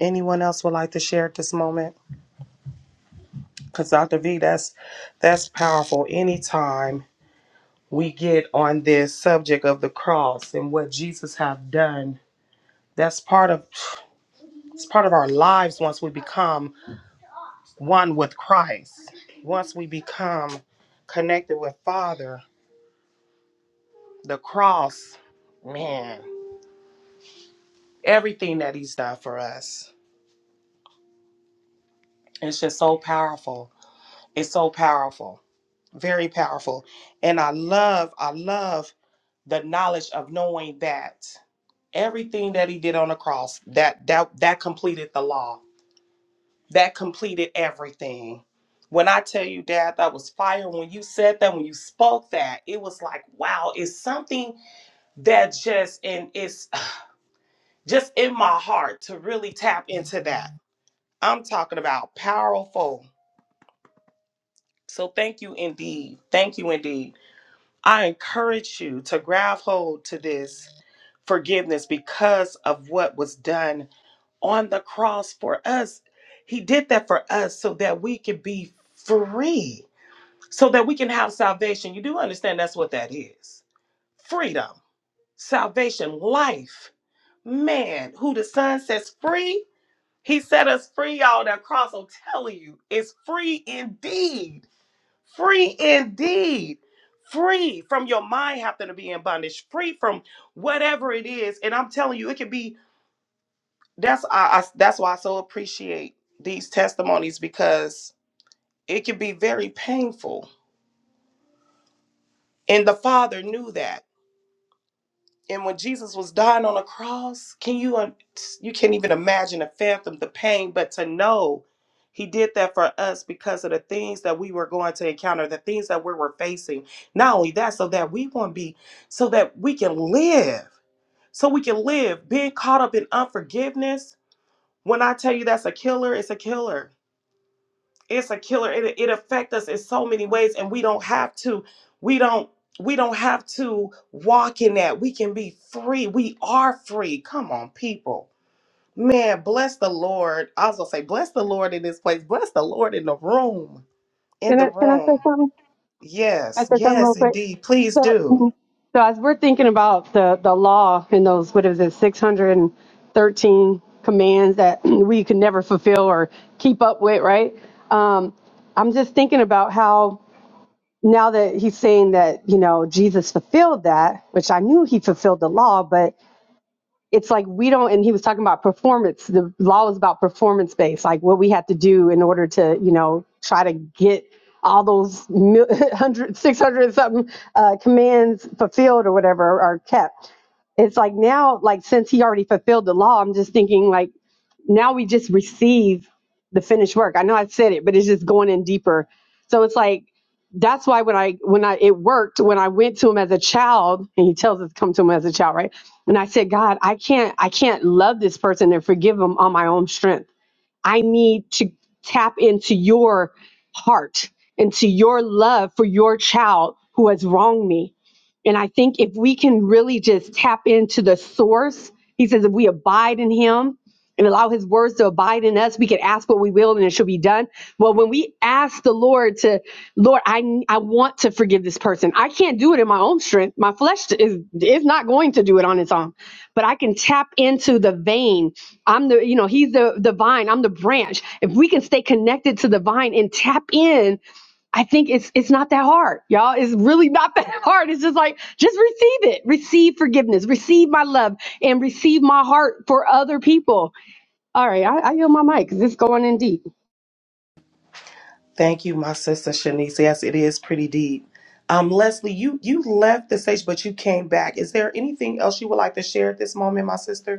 [SPEAKER 1] Anyone else would like to share at this moment? Because Dr. V, that's that's powerful. Anytime we get on this subject of the cross and what Jesus have done That's part of it's part of our lives once we become one with Christ. Once we become connected with Father, the cross, man, everything that he's done for us. It's just so powerful. It's so powerful. Very powerful. And I love I love the knowledge of knowing that everything that he did on the cross, that that that completed the law that completed everything. When I tell you, Dad, that was fire. When you said that, when you spoke that, it was like, wow, it's something that just and it's just in my heart to really tap into that. I'm talking about powerful. So thank you indeed. Thank you indeed. I encourage you to grab hold to this forgiveness because of what was done on the cross for us. He did that for us so that we could be free so that we can have salvation. You do understand that's what that is freedom, salvation, life. Man, who the Son sets free, He set us free, y'all. That cross, I'm telling you, is free indeed. Free indeed. Free from your mind having to be in bondage, free from whatever it is. And I'm telling you, it could be that's I, I that's why I so appreciate these testimonies because it can be very painful. And the father knew that. and when Jesus was dying on a cross, can you uh, you can't even imagine and fathom the pain, but to know he did that for us because of the things that we were going to encounter, the things that we were facing. Not only that, so that we won't be, so that we can live, so we can live. Being caught up in unforgiveness, when I tell you that's a killer, it's a killer it's a killer it, it affects us in so many ways and we don't have to we don't we don't have to walk in that we can be free we are free come on people man bless the lord i was gonna say bless the lord in this place bless the lord in the room in
[SPEAKER 5] Can I
[SPEAKER 1] the
[SPEAKER 5] can I say
[SPEAKER 1] room
[SPEAKER 5] something? Can I
[SPEAKER 1] yes
[SPEAKER 5] say something real
[SPEAKER 1] yes
[SPEAKER 5] quick.
[SPEAKER 1] indeed please
[SPEAKER 5] So
[SPEAKER 1] do
[SPEAKER 5] mhm. so as we're thinking about the the law and those what is it, six hundred and thirteen commands that *clears throat* we could never fulfill or keep up with, right? Um, I'm just thinking about how now that he's saying that, you know, Jesus fulfilled that, which I knew he fulfilled the law, but it's like we don't and he was talking about performance the law is about performance based like what we have to do in order to you know try to get all those mil- *laughs* 100 and something uh, commands fulfilled or whatever are kept it's like now like since he already fulfilled the law i'm just thinking like now we just receive the finished work. I know I said it, but it's just going in deeper. So it's like that's why when I when I it worked when I went to him as a child, and he tells us to come to him as a child, right? And I said, God, I can't I can't love this person and forgive him on my own strength. I need to tap into your heart, into your love for your child who has wronged me. And I think if we can really just tap into the source, he says, if we abide in him and allow his words to abide in us we can ask what we will and it shall be done well when we ask the lord to lord i i want to forgive this person i can't do it in my own strength my flesh is is not going to do it on its own but i can tap into the vein i'm the you know he's the the vine i'm the branch if we can stay connected to the vine and tap in i think it's it's not that hard y'all it's really not *laughs* that hard it's just like just receive it receive forgiveness receive my love and receive my heart for other people all right, I, I yield my mic because it's going in deep.
[SPEAKER 1] thank you my sister shanice yes it is pretty deep um leslie you you left the stage but you came back is there anything else you would like to share at this moment my sister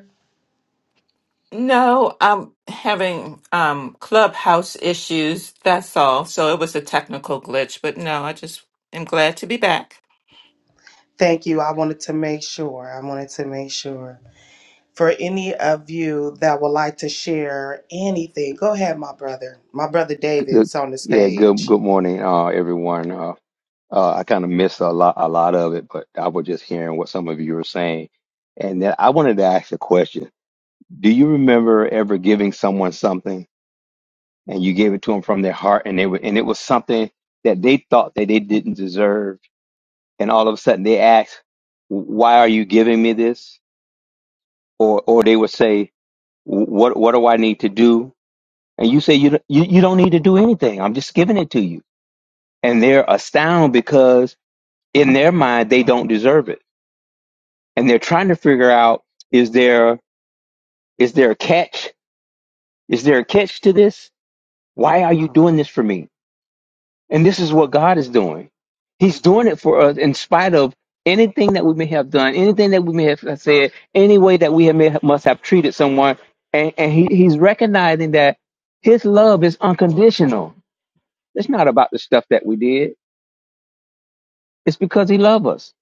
[SPEAKER 7] No, I'm having um clubhouse issues, that's all. So it was a technical glitch, but no, I just am glad to be back.
[SPEAKER 1] Thank you. I wanted to make sure. I wanted to make sure. For any of you that would like to share anything, go ahead, my brother. My brother
[SPEAKER 10] Good-
[SPEAKER 1] David's on the
[SPEAKER 10] Yeah, good
[SPEAKER 1] stage.
[SPEAKER 10] good morning, uh, everyone. Uh, uh, I kind of missed a lot a lot of it, but I was just hearing what some of you were saying, and then I wanted to ask a question. Do you remember ever giving someone something and you gave it to them from their heart, and they were, and it was something that they thought that they didn't deserve, and all of a sudden they asked, "Why are you giving me this?" Or or they would say, "What what do I need to do?" And you say, "You don't- you, you don't need to do anything. I'm just giving it to you." and they're astounded in their mind they don't deserve it and they're trying to figure out is there is there a catch is there a catch to this why are you doing this for me and this is what god is doing he's doing it for us in spite of anything that we may have done anything that we may have said any way that we may have, must have treated someone and, and he, he's recognizing that his love is unconditional it's not about the stuff that we did it's because he loved us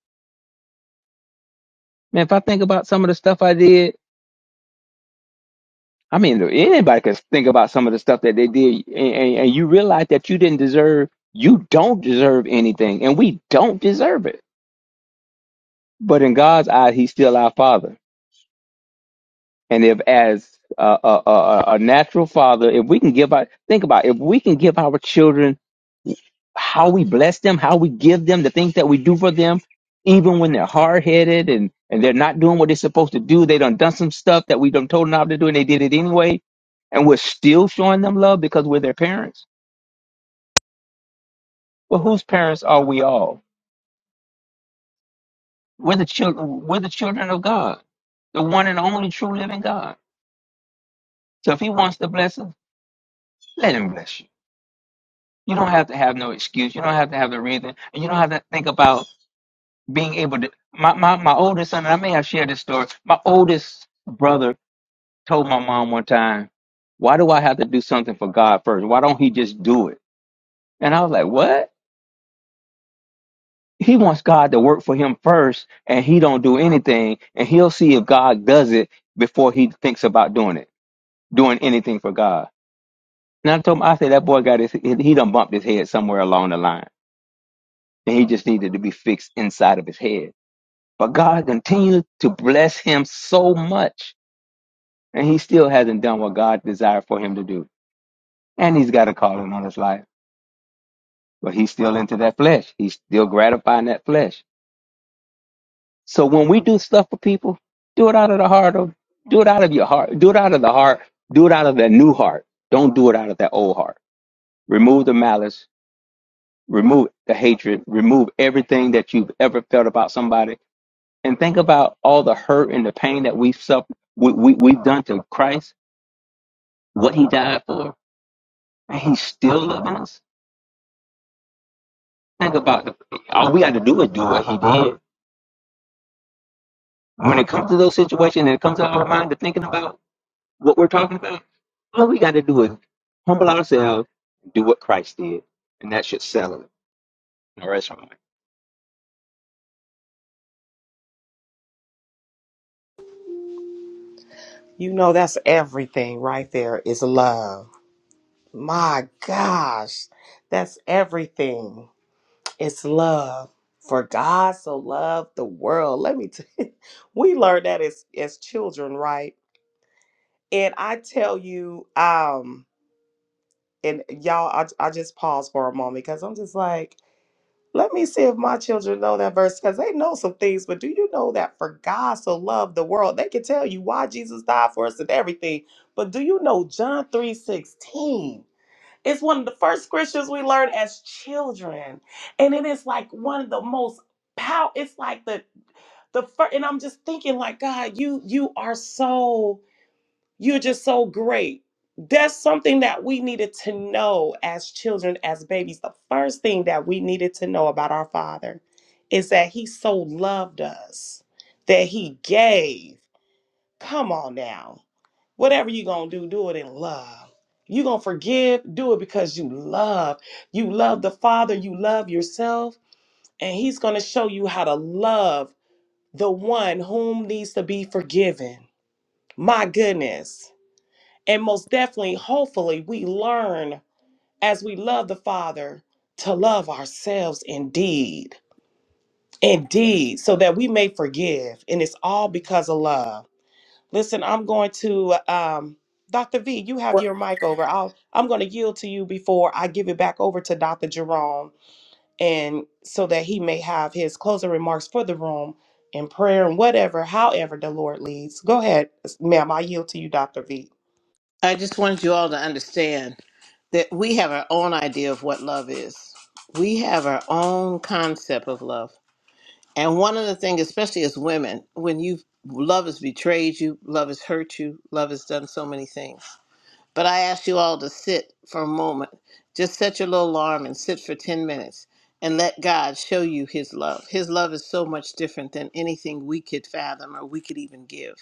[SPEAKER 10] man if i think about some of the stuff i did I mean, anybody could think about some of the stuff that they did, and, and, and you realize that you didn't deserve, you don't deserve anything, and we don't deserve it. But in God's eye, He's still our Father. And if, as a, a, a, a natural father, if we can give our, think about it, if we can give our children how we bless them, how we give them the things that we do for them, even when they're hard headed and, and they're not doing what they're supposed to do, they done done some stuff that we done told them not to do, and they did it anyway, and we're still showing them love because we're their parents Well, whose parents are we all? We're the children. We're the children of God, the one and only true living God. So if He wants to bless us, let Him bless you. You don't have to have no excuse. You don't have to have the reason, and you don't have to think about being able to. My my my oldest son, and I may have shared this story. My oldest brother told my mom one time, "Why do I have to do something for God first? Why don't He just do it?" And I was like, "What?" he wants God to work for him first, and he don't do anything, and he'll see if God does it before he thinks about doing it, doing anything for God. And I told him, I said that boy got his, he done bumped his head somewhere along the line, and he just needed to be fixed inside of his head. But God continued to bless him so much, and he still hasn't done what God desired for him to do, and he's got a calling on his life, but he's still into that flesh. He's still gratifying that flesh So when we do stuff for people, do it out of the heart of do it out of your heart. Do it out of the heart. Do it out of that new heart. Don't do it out of that old heart. Remove the malice, remove the hatred, remove everything that you've ever felt about somebody. And think about all the hurt and the pain that we've suffered, we, we, we've done to Christ, what he died for, and he's still loving us. Think about the, all we got to do is do what he did. When it comes to those situations and it comes to our mind to thinking about What we're talking about, all we got to do is humble ourselves and do what Christ did, and that should settle it. All right, Sean.
[SPEAKER 1] You know, that's everything right there is love. My gosh, that's everything. It's love. For God so loved the world. Let me tell you, *laughs* we learned that as, as children, right? And I tell you, um, and y'all, I, I just pause for a moment because I'm just like, Let me see if my children know that verse because they know some things, but do you know that for God so loved the world? They can tell you why Jesus died for us and everything. But do you know John 3 16? It's one of the first scriptures we learn as children. And it is like one of the most power. It's like the the first, and I'm just thinking, like, God, you you are so you're just so great. That's something that we needed to know as children, as babies. The first thing that we needed to know about our Father is that He so loved us that He gave. Come on now. Whatever you're going to do, do it in love. You're going to forgive, do it because you love. You love the Father, you love yourself, and He's going to show you how to love the one whom needs to be forgiven. My goodness and most definitely, hopefully, we learn as we love the Father to love ourselves indeed. Indeed, so that we may forgive. And it's all because of love. Listen, I'm going to um Dr. V, you have
[SPEAKER 9] Well,
[SPEAKER 1] your mic over. I'll I'm gonna yield to you before I give it back over to Dr. Jerome and so that he may have his closing remarks for the room and prayer and whatever, however the Lord leads. Go ahead, ma'am. I yield to you, Dr. V.
[SPEAKER 9] I just wanted you all to understand that we have our own idea of what love is. We have our own concept of love. And one of the things, especially as women, when you love has betrayed you, love has hurt you, love has done so many things. But I ask you all to sit for a moment. Just set your little alarm and sit for 10 minutes and let God show you his love. His love is so much different than anything we could fathom or we could even give.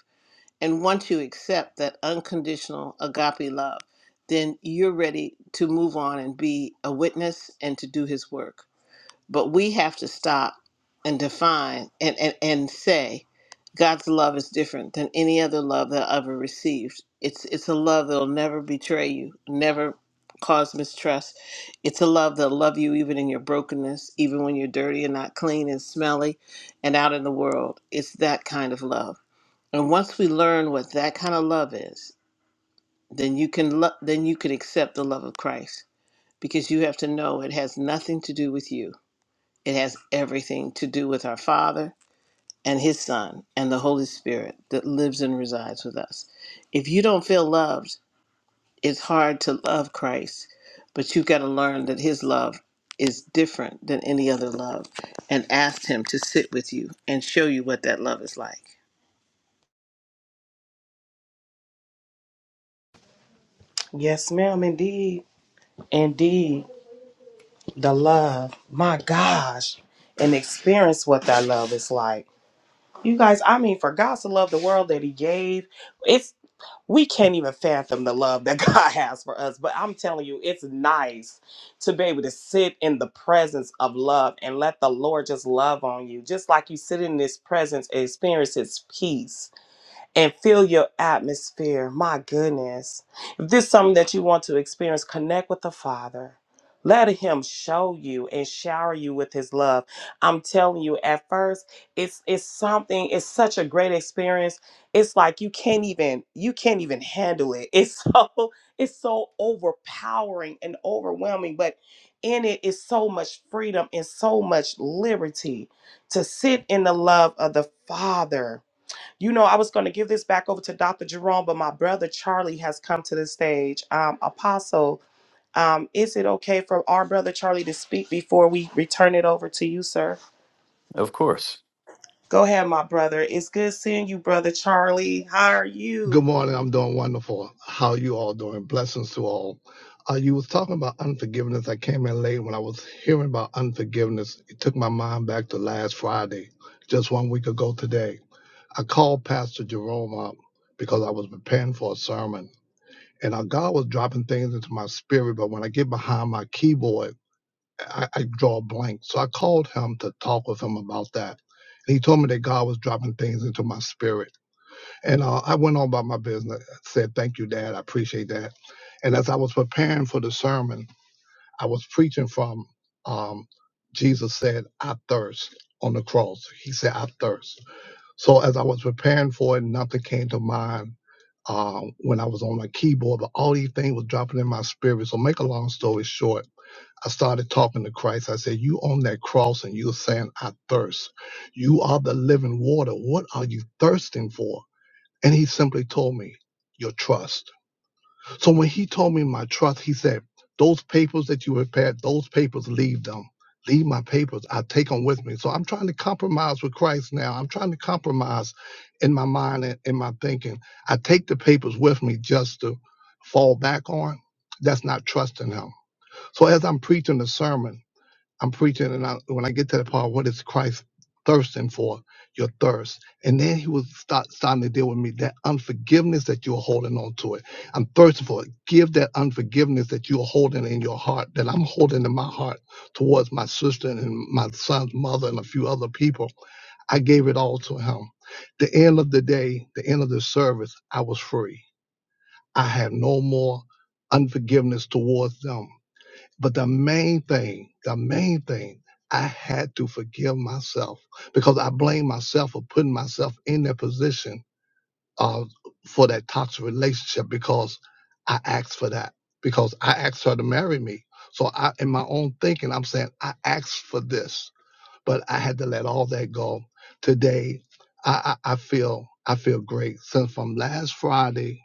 [SPEAKER 9] And once you accept that unconditional agape love, then you're ready to move on and be a witness and to do his work. But we have to stop and define and, and, and say God's love is different than any other love that I ever received. It's it's a love that'll never betray you, never cause mistrust. It's a love that'll love you even in your brokenness, even when you're dirty and not clean and smelly and out in the world. It's that kind of love and once we learn what that kind of love is, then you can lo- then you can accept the love of Christ because you have to know it has nothing to do with you. It has everything to do with our Father and his Son and the Holy Spirit that lives and resides with us. If you don't feel loved, it's hard to love Christ, but you've got to learn that his love is different than any other love and ask him to sit with you and show you what that love is like.
[SPEAKER 1] Yes, ma'am, Indeed. Indeed, the love, my gosh, and experience what that love is like. You guys, I mean, for God to love the world that He gave, it's we can't even fathom the love that *laughs* God has for us. But I'm telling you, it's nice to be able to sit in the presence of love and let the Lord just love on you, just like you sit in His presence and experience His peace and feel your atmosphere. My goodness. If this is something that you want to experience, connect with the Father. Let him show you and shower you with his love. I'm telling you, at first, it's it's something, it's such a great experience. It's like you can't even you can't even handle it. It's *laughs* so it's so overpowering and overwhelming, but in it is so much freedom and so much liberty to sit in the love of the Father you know, I was going to give this back over to Dr. Jerome, but my brother Charlie has come to the stage. Um, Apostle, um, is it okay for our brother Charlie to speak before we return it over to you, sir?
[SPEAKER 4] Of course.
[SPEAKER 1] Go ahead, my brother. It's good seeing you, brother Charlie. How are you?
[SPEAKER 11] Good morning. I'm doing wonderful. How you all doing? Blessings to all. Uh, you was talking about unforgiveness. I came in late when I was hearing about unforgiveness. It took my mind back to last Friday, just one week ago today. I called Pastor Jerome up because I was preparing for a sermon, and uh, God was dropping things into my spirit. But when I get behind my keyboard, I, I draw a blank. So I called him to talk with him about that. And he told me that God was dropping things into my spirit. And uh, I went on about my business. I said, Thank you, Dad. I appreciate that. And as I was preparing for the sermon, I was preaching from um, Jesus said, I thirst on the cross. He said, I thirst. So as I was preparing for it, nothing came to mind. Um, when I was on my keyboard, but all these things was dropping in my spirit. So make a long story short, I started talking to Christ. I said, You on that cross and you're saying, 'I thirst. You are the living water. What are you thirsting for? And he simply told me, Your trust. So when he told me my trust, he said, Those papers that you prepared, those papers, leave them. Leave my papers. I take them with me. So I'm trying to compromise with Christ now. I'm trying to compromise in my mind and in my thinking. I take the papers with me just to fall back on. That's not trusting him. So as I'm preaching the sermon, I'm preaching, and I, when I get to the part, what is Christ thirsting for? Your thirst, and then he was start starting to deal with me that unforgiveness that you're holding on to it. I'm thirsting for it. Give that unforgiveness that you're holding in your heart, that I'm holding in my heart towards my sister and my son's mother and a few other people. I gave it all to him. The end of the day, the end of the service, I was free. I had no more unforgiveness towards them. But the main thing, the main thing, I had to forgive myself because I blame myself for putting myself in that position uh, for that toxic relationship because I asked for that, because I asked her to marry me. So I, in my own thinking, I'm saying I asked for this, but I had to let all that go. Today, I, I, I feel I feel great since from last Friday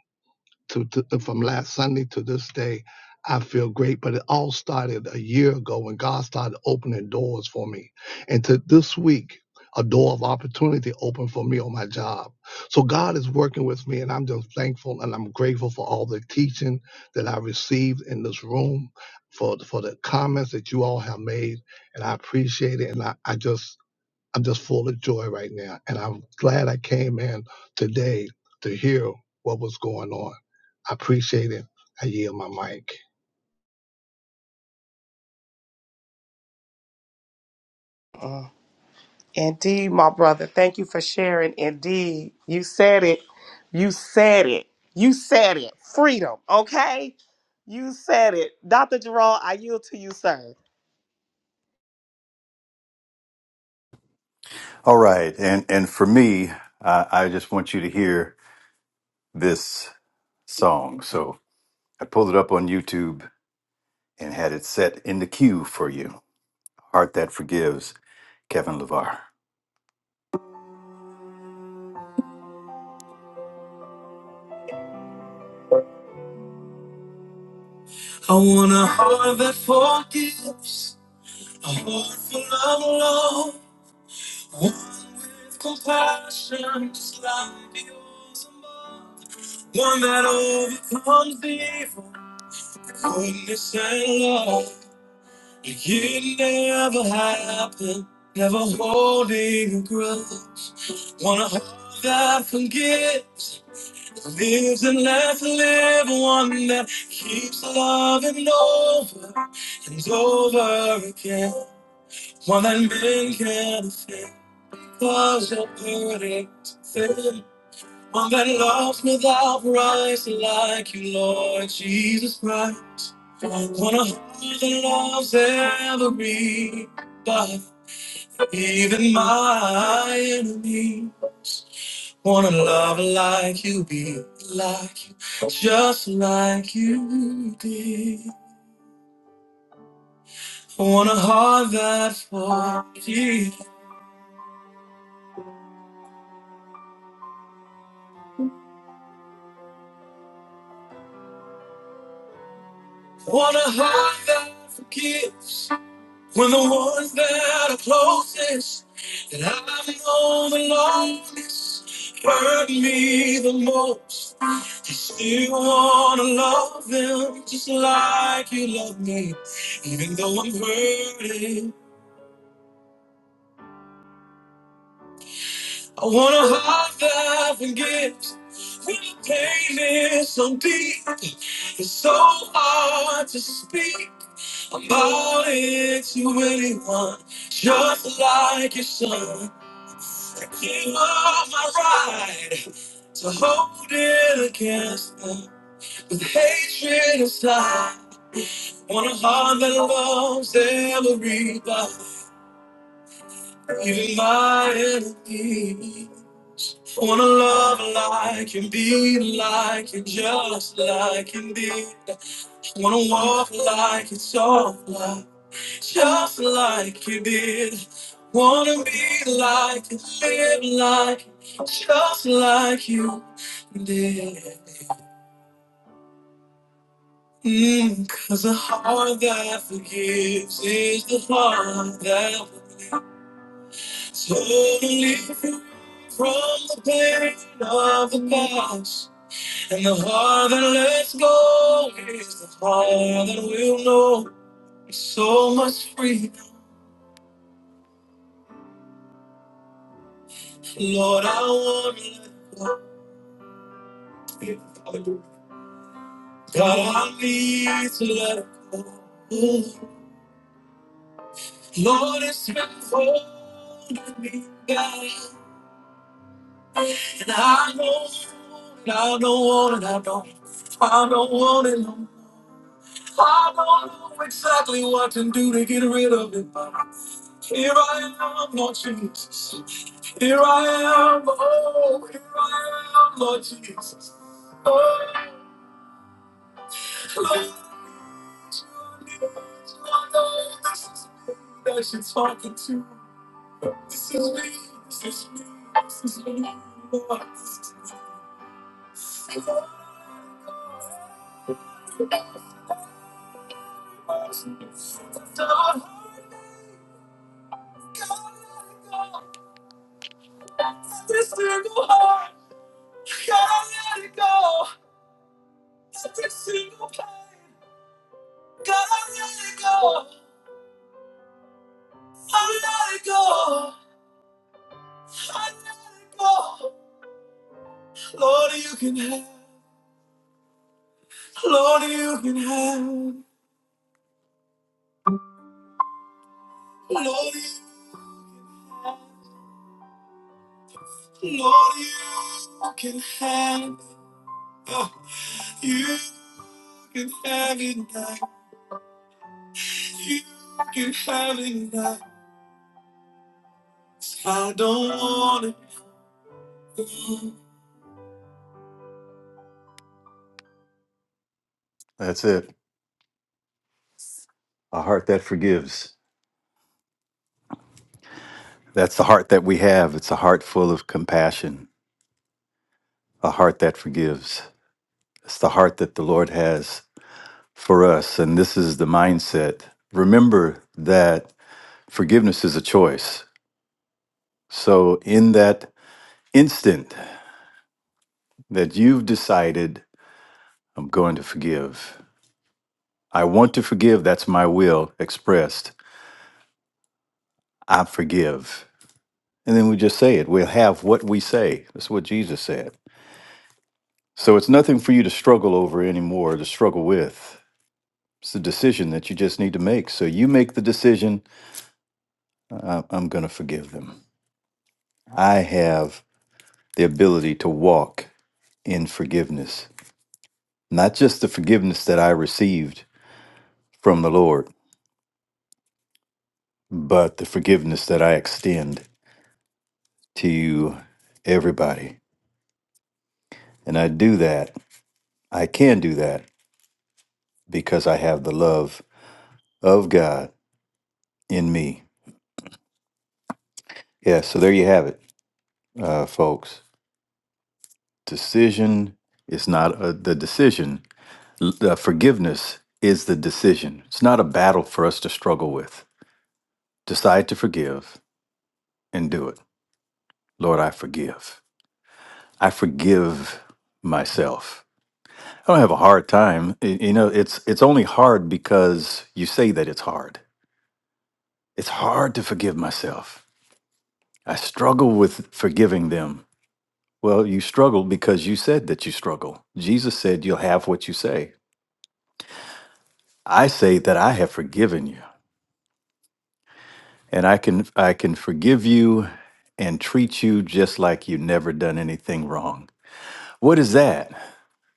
[SPEAKER 11] to, to from last Sunday to this day, I feel great. But it all started a year ago when God started opening doors for me. And to this week, a door of opportunity opened for me on my job. So God is working with me, and I'm just thankful and I'm grateful for all the teaching that I received in this room, for for the comments that you all have made, and I appreciate it. And I, I just I'm just full of joy right now. And I'm glad I came in today to hear what was going on. I appreciate it. I yield my mic.
[SPEAKER 1] Mm, Indeed, my brother. Thank you for sharing. Indeed. You said it. You said it. You said it. Freedom, okay? You said it. Dr. Jerome, I yield to you, sir.
[SPEAKER 4] All right. And and for me, I, I just want you to hear this song. So I pulled it up on YouTube and had it set in the queue for you. Heart That Forgives, Kevin LeVar. I want a heart that forgives, a heart full of love, one with compassion just like yours above, one that overcomes evil, goodness and love. It never happened, never holding a grudge. Want a heart that forgives, lives and lets live, one that keeps loving over and over again. One that men can not feel, cause you're burning to One that loves without price, like you, Lord Jesus Christ. One of who that loves every but even my enemies. Wanna love like you, be like you, just like you did. Want a heart that forgives. Wanna hide that forgives when the ones that are closest that I've known the longest hurt me the most. I still wanna love them just like you love me, even though I'm hurting. I wanna high five and get when the pain is so deep. It's so hard to speak about it to anyone, just like your son. You are my ride to hold it against them with hatred inside. want a heart that loves everybody, even my enemy. Wanna love like you, be like you, just like you did. Wanna walk like you, talk like just like you did. Wanna be like you, live like just like you did. Mm, Cause a heart that forgives is the heart that will be totally free from the pain of the past. And the heart that lets go is the heart that will know so much freedom. Lord, I want to let go. God, I need to let go. Lord, it's been holding me back. And I don't, I don't want it, I don't, I don't want it. no more. I don't know exactly what to do to get rid of it, but here I am, Lord Jesus. Here I am, oh, here I am, Lord Jesus. Oh, Lord, you are Lord, this is me that you're talking to. This is me, this is me, this is me, Lord. This is me, Lord. That's all I got. Every single heart, gotta let it go. Every single pain, gotta let it go. I let it go. I let it go. Lord, you can have. Lord, you can have. Lord, you can have. Lord, you can have. Oh, you can have it now. You can have it now. I don't want it. That's it. A heart that forgives. That's the heart that we have. It's a heart full of compassion, a heart that forgives. It's the heart that the Lord has for us, and this is the mindset. Remember that forgiveness is a choice. So, in that instant that you've decided, I'm going to forgive, I want to forgive, that's my will expressed, I forgive. And then we just say it. We'll have what we say. That's what Jesus said. So, it's nothing for you to struggle over anymore, to struggle with. It's a decision that you just need to make. So, you make the decision uh, I'm going to forgive them. I have the ability to walk in forgiveness. Not just the forgiveness that I received from the Lord, but the forgiveness that I extend to everybody. And I do that, I can do that because I have the love of God in me. Yeah, so there you have it, uh, folks. Decision is not a, the decision, L- uh, forgiveness is the decision. It's not a battle for us to struggle with. Decide to forgive and do it. Lord, I forgive. I forgive myself. I don't have a hard time. Y- You know, it's it's only hard because you say that it's hard. It's hard to forgive myself. I struggle with forgiving them. Well, you struggle because you said that you struggle. Jesus said you'll have what you say. I say that I have forgiven you, and I can I can forgive you and treat you just like you never done anything wrong. What is that?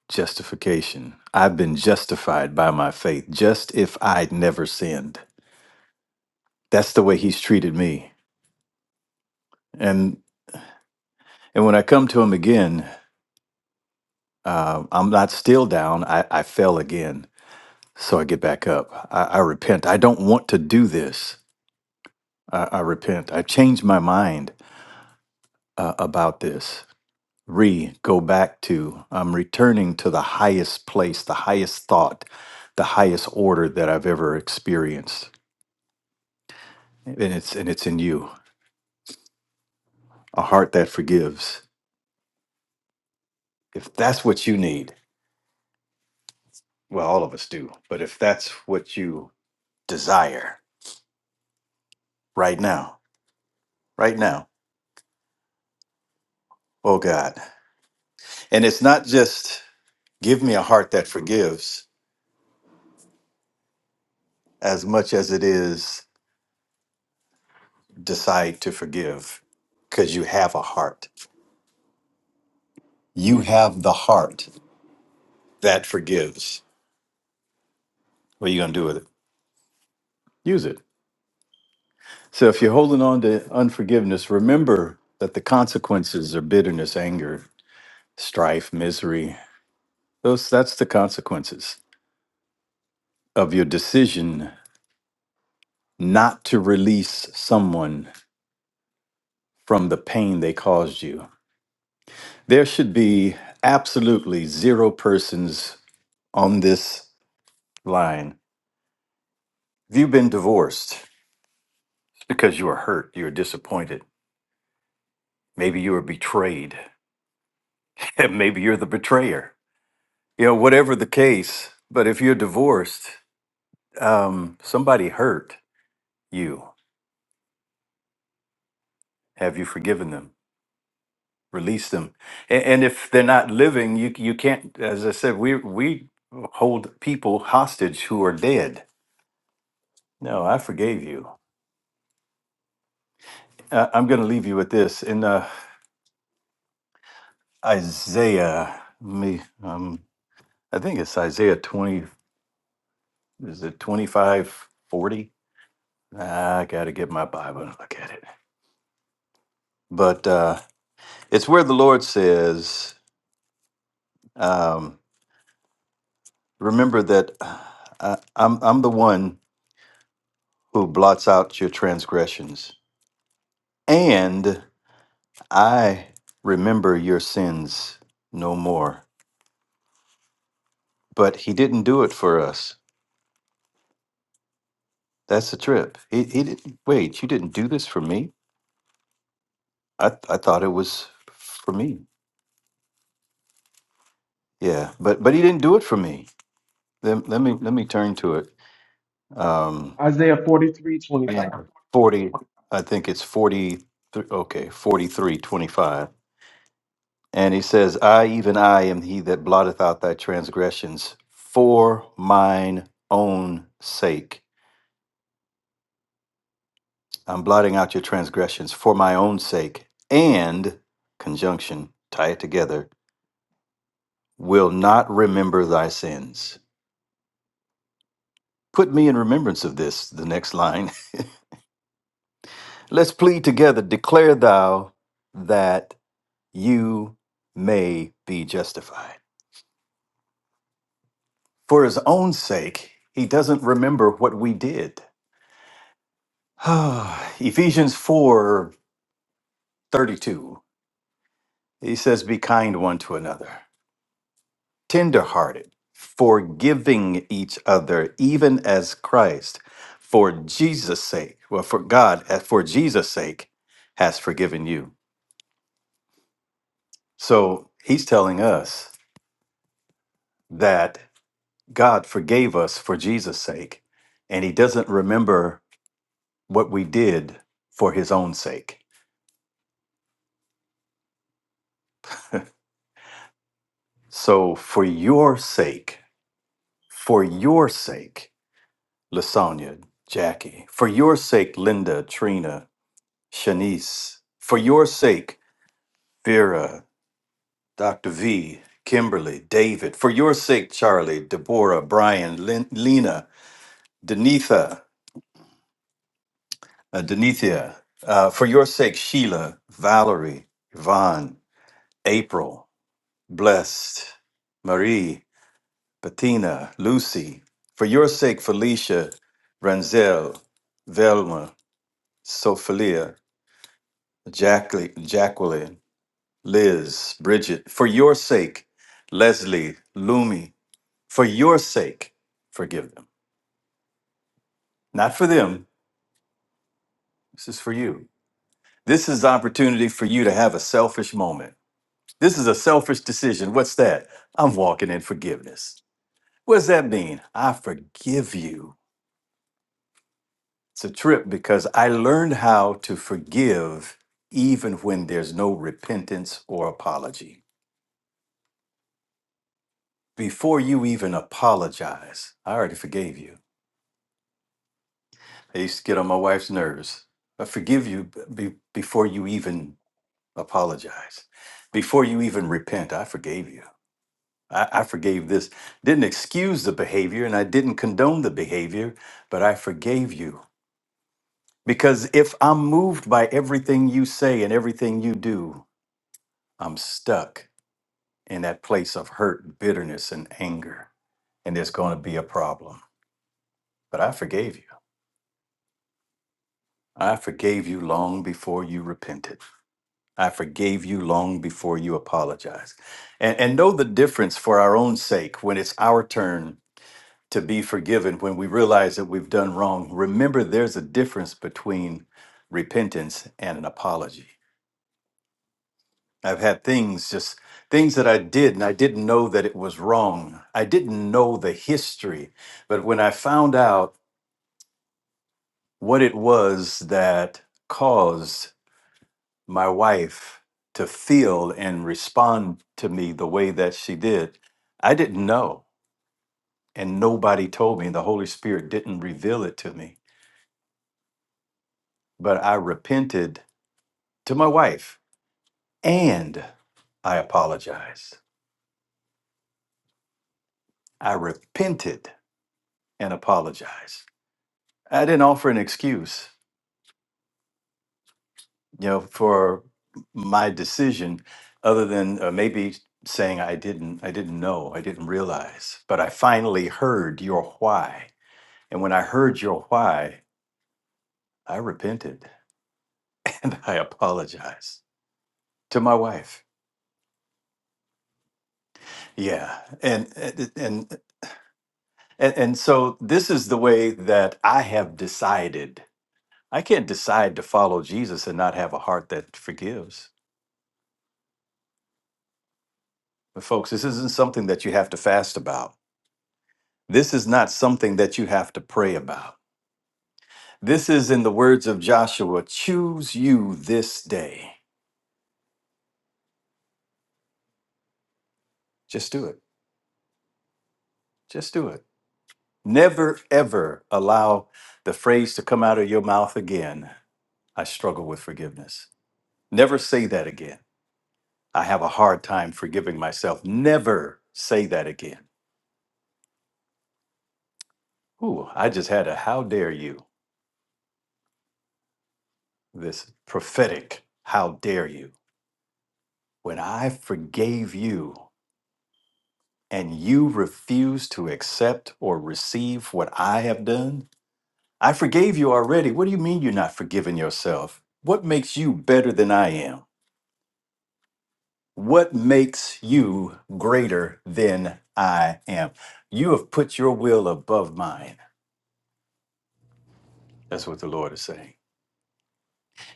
[SPEAKER 4] Justification. I've been justified by my faith, just if I'd never sinned. That's the way he's treated me. And and when I come to him again, uh, I'm not still down. I, I fell again. So I get back up. I, I repent. I don't want to do this. I, I repent. I change my mind uh, about this. Re, go back to. I'm returning to the highest place, the highest thought, the highest order that I've ever experienced. And it's and it's in you. a heart that forgives. If that's what you need, well, all of us do, but if that's what you desire right now, right now, oh God. And it's not just give me a heart that forgives as much as it is decide to forgive because you have a heart. You have the heart that forgives. What are you going to do with it? Use it. So if you're holding on to unforgiveness, remember that the consequences are bitterness, anger, strife, misery, Those that's the consequences of your decision not to release someone from the pain they caused you. There should be absolutely zero persons on this line. If you've been divorced it's because you were hurt, you were disappointed, maybe you were betrayed, *laughs* maybe you're the betrayer. You know, whatever the case, but if you're divorced, um, somebody hurt you. Have you forgiven them? release them and, and if they're not living you you can't as i said we we hold people hostage who are dead no i forgave you uh, i'm going to leave you with this in uh, isaiah me um i think it's isaiah 20 is it 25 40? Ah, i gotta get my bible and look at it but uh it's where the lord says um remember that uh, I, i'm i'm the one who blots out your transgressions And I remember your sins no more. But he didn't do it for us. That's the trip. He, he didn't wait, you didn't do this for me? I, th- I thought it was for me. Yeah, but but he didn't do it for me. Let, let me let me turn to it. Um
[SPEAKER 3] Isaiah forty-three
[SPEAKER 4] in
[SPEAKER 3] twenty-five.
[SPEAKER 4] 40 I think it's 40 okay, 43 25. And he says, "I even I am he that blotteth out thy transgressions for mine own sake." I'm blotting out your transgressions for my own sake, and, conjunction, tie it together, will not remember thy sins. Put me in remembrance of this, the next line. *laughs* Let's plead together, declare thou that you may be justified. For his own sake, he doesn't remember what we did. *sighs* Ephesians 4 32. he says, Be kind one to another. tenderhearted, forgiving each other, even as Christ, for Jesus' sake, well, for God, uh, for Jesus' sake, has forgiven you. So he's telling us that God forgave us for Jesus' sake, and he doesn't remember what we did for his own sake. So for your sake, for your sake, Lasagna, Jackie, for your sake, Linda, Trina, Shanice, for your sake, Vera, Dr. V, Kimberly, David, for your sake, Charlie, Deborah, Brian, Lin- Lena, Denitha, uh, Denithia, uh, for your sake, Sheila, Valerie, Yvonne, April, Blessed, Marie, Bettina, Lucy, for your sake, Felicia, Ranzel, Velma, Sophelia, Jacqueline, Jacqueline, Liz, Bridget, for your sake, Leslie, Lumi, For your sake, forgive them. Not for them. This is for you. This is the opportunity for you to have a selfish moment. This is a selfish decision. What's that? I'm walking in forgiveness. What does that mean? I forgive you. It's a trip because I learned how to forgive even when there's no repentance or apology. Before you even apologize, I already forgave you. I used to get on my wife's nerves. I forgive you b- be- before you even apologize before you even repent i forgave you I, I forgave this didn't excuse the behavior and i didn't condone the behavior but i forgave you because if i'm moved by everything you say and everything you do i'm stuck in that place of hurt bitterness and anger and there's going to be a problem but i forgave you i forgave you long before you repented I forgave you long before you apologized. And, and know the difference for our own sake when it's our turn to be forgiven, when we realize that we've done wrong. Remember, there's a difference between repentance and an apology. I've had things just things that I did and I didn't know that it was wrong. I didn't know the history. But when I found out what it was that caused my wife to feel and respond to me the way that she did. I didn't know, and nobody told me. The Holy Spirit didn't reveal it to me, but I repented to my wife and I apologized. I repented and apologized. I didn't offer an excuse, you know, for my decision other than uh, maybe saying I didn't I didn't know, I didn't realize, but I finally heard your why And when I heard your why, I repented *laughs* and I apologized to my wife. Yeah. And and and and, and so this is the way that I have decided. I can't decide to follow Jesus and not have a heart that forgives. But folks, this isn't something that you have to fast about. This is not something that you have to pray about. This is in the words of Joshua, choose you this day. Just do it. Just do it. Never, ever allow the phrase to come out of your mouth again. I struggle with forgiveness. Never say that again. I have a hard time forgiving myself. Never say that again. Ooh, I just had a how dare you, this prophetic how dare you. When I forgave you and you refuse to accept or receive what I have done, I forgave you already. What do you mean you're not forgiving yourself? What makes you better than I am? What makes you greater than I am? You have put your will above mine. That's what the Lord is saying.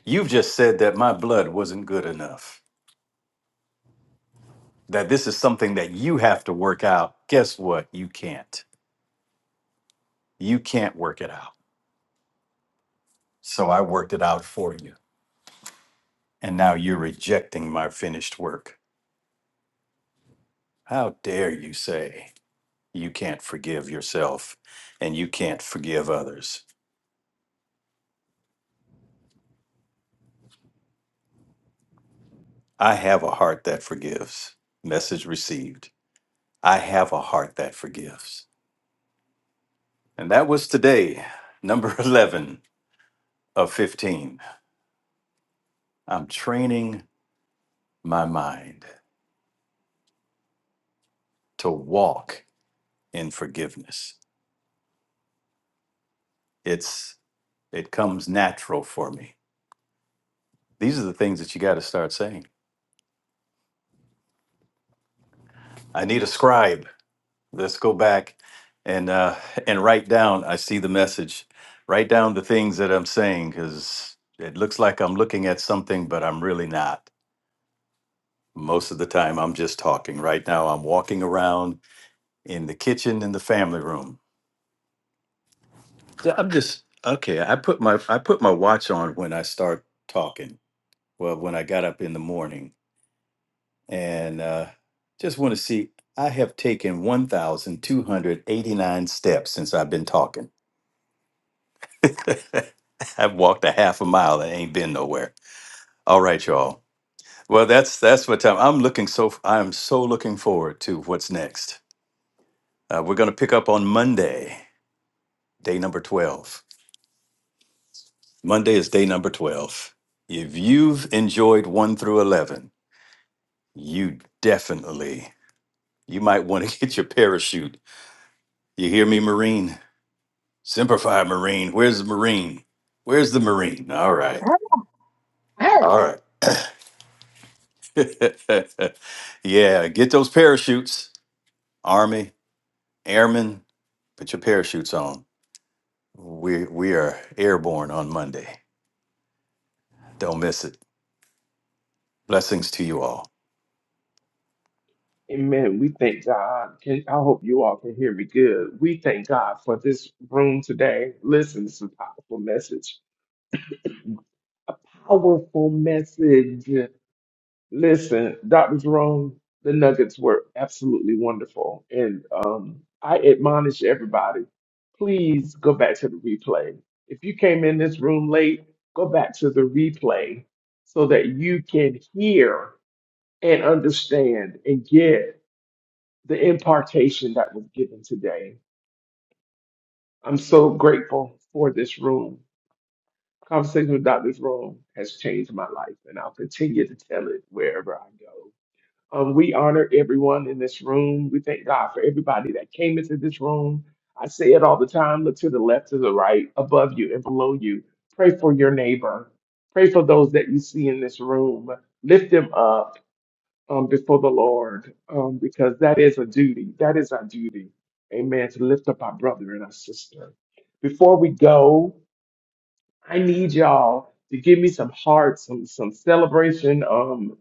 [SPEAKER 4] You've just said that my blood wasn't good enough, that this is something that you have to work out. Guess what? You can't. You can't work it out. So I worked it out for you. And now you're rejecting my finished work. How dare you say you can't forgive yourself and you can't forgive others? I have a heart that forgives. Message received. I have a heart that forgives. And that was today, number *laughs* 11 of 15. I'm training my mind to walk in forgiveness. It's it comes natural for me. These are the things that you got to start saying. I need a scribe. Let's go back and uh and write down I see the message. Write down the things that I'm saying cuz it looks like I'm looking at something but I'm really not Most of the time, I'm just talking. Right now, I'm walking around in the kitchen in the family room. So I'm just okay. I put my I put my watch on when I start talking. Well, when I got up in the morning, and uh, just want to see. I have taken 1,289 steps since I've been talking. *laughs* I've walked a half a mile and ain't been nowhere. All right, y'all. Well, that's that's what time I'm looking so I'm so looking forward to what's next. Uh, we're going to pick up on Monday. day number 12. Monday is day number 12. If you've enjoyed 1 through 11, you definitely you might want to *laughs* get your parachute. You hear me, Marine? Simplify, Marine. Where's the Marine? Where's the Marine? All right. All right. *laughs* yeah, get those parachutes. Army, Airmen, put your parachutes on. We we are airborne on Monday. Don't miss it. Blessings to you all.
[SPEAKER 3] Amen. We thank God. Can, I hope you all can hear me good. We thank God for this room today. Listen, this is a powerful message. Powerful message. Listen, Dr. Jerome, the nuggets were absolutely wonderful. And um, I admonish everybody, please go back to the replay. If you came in this room late, go back to the replay so that you can hear and understand and get. the impartation that was given today. I'm so grateful for this room. Conversation with Doctor's Room has changed my life, and I'll continue to tell it wherever I go. Um, we honor everyone in this room. We thank God for everybody that came into this room. I say it all the time look to the left, to the right, above you, and below you. Pray for your neighbor. Pray for those that you see in this room. Lift them up um, before the Lord, um, because that is a duty. That is our duty. Amen. To lift up our brother and our sister. Before we go, I need y'all to give me some hearts, some some celebration, um,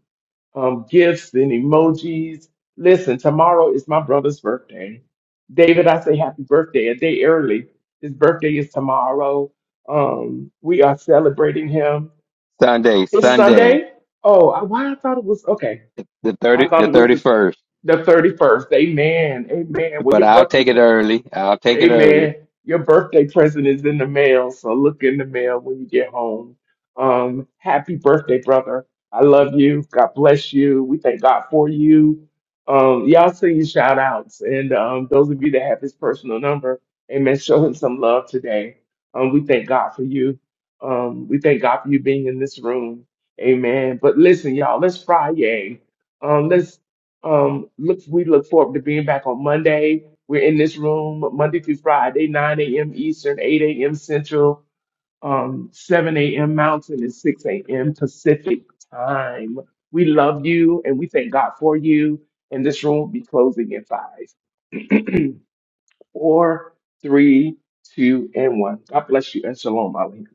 [SPEAKER 3] um, gifts and emojis. Listen, tomorrow is my brother's birthday. David, I say happy birthday a day early. His birthday is tomorrow. Um, we are celebrating him.
[SPEAKER 10] Sunday,
[SPEAKER 3] It's
[SPEAKER 10] Sunday,
[SPEAKER 3] Sunday. Oh, I, why I thought it was okay.
[SPEAKER 10] the
[SPEAKER 3] I
[SPEAKER 10] thirty,
[SPEAKER 3] thought
[SPEAKER 10] the
[SPEAKER 3] it was the
[SPEAKER 10] thirty-first.
[SPEAKER 3] the 31st. Amen. Amen. Well,
[SPEAKER 10] But
[SPEAKER 3] your
[SPEAKER 10] I'll take it
[SPEAKER 3] birthday.
[SPEAKER 10] early. I'll take it
[SPEAKER 3] Hey
[SPEAKER 10] early.
[SPEAKER 3] man, your birthday present is in the mail, so look in the mail when you get home. Um, happy birthday, brother. I love you. God bless you. We thank God for you. Um, y'all send your shout outs. And um, those of you that have his personal number, amen, show him some love today. Um, we thank God for you. Um, we thank God for you being in this room. Amen. But listen, y'all, let's Friday. Um, let's um look we look forward to being back on Monday. We're in this room Monday through Friday, 9 a.m. Eastern, 8 a.m. Central, um, 7 a.m. Mountain, and 6 a.m. Pacific time. We love you and we thank God for you. And this room will be closing in five, *clears throat* four, three, two, and one. God bless you and shalom, Ali.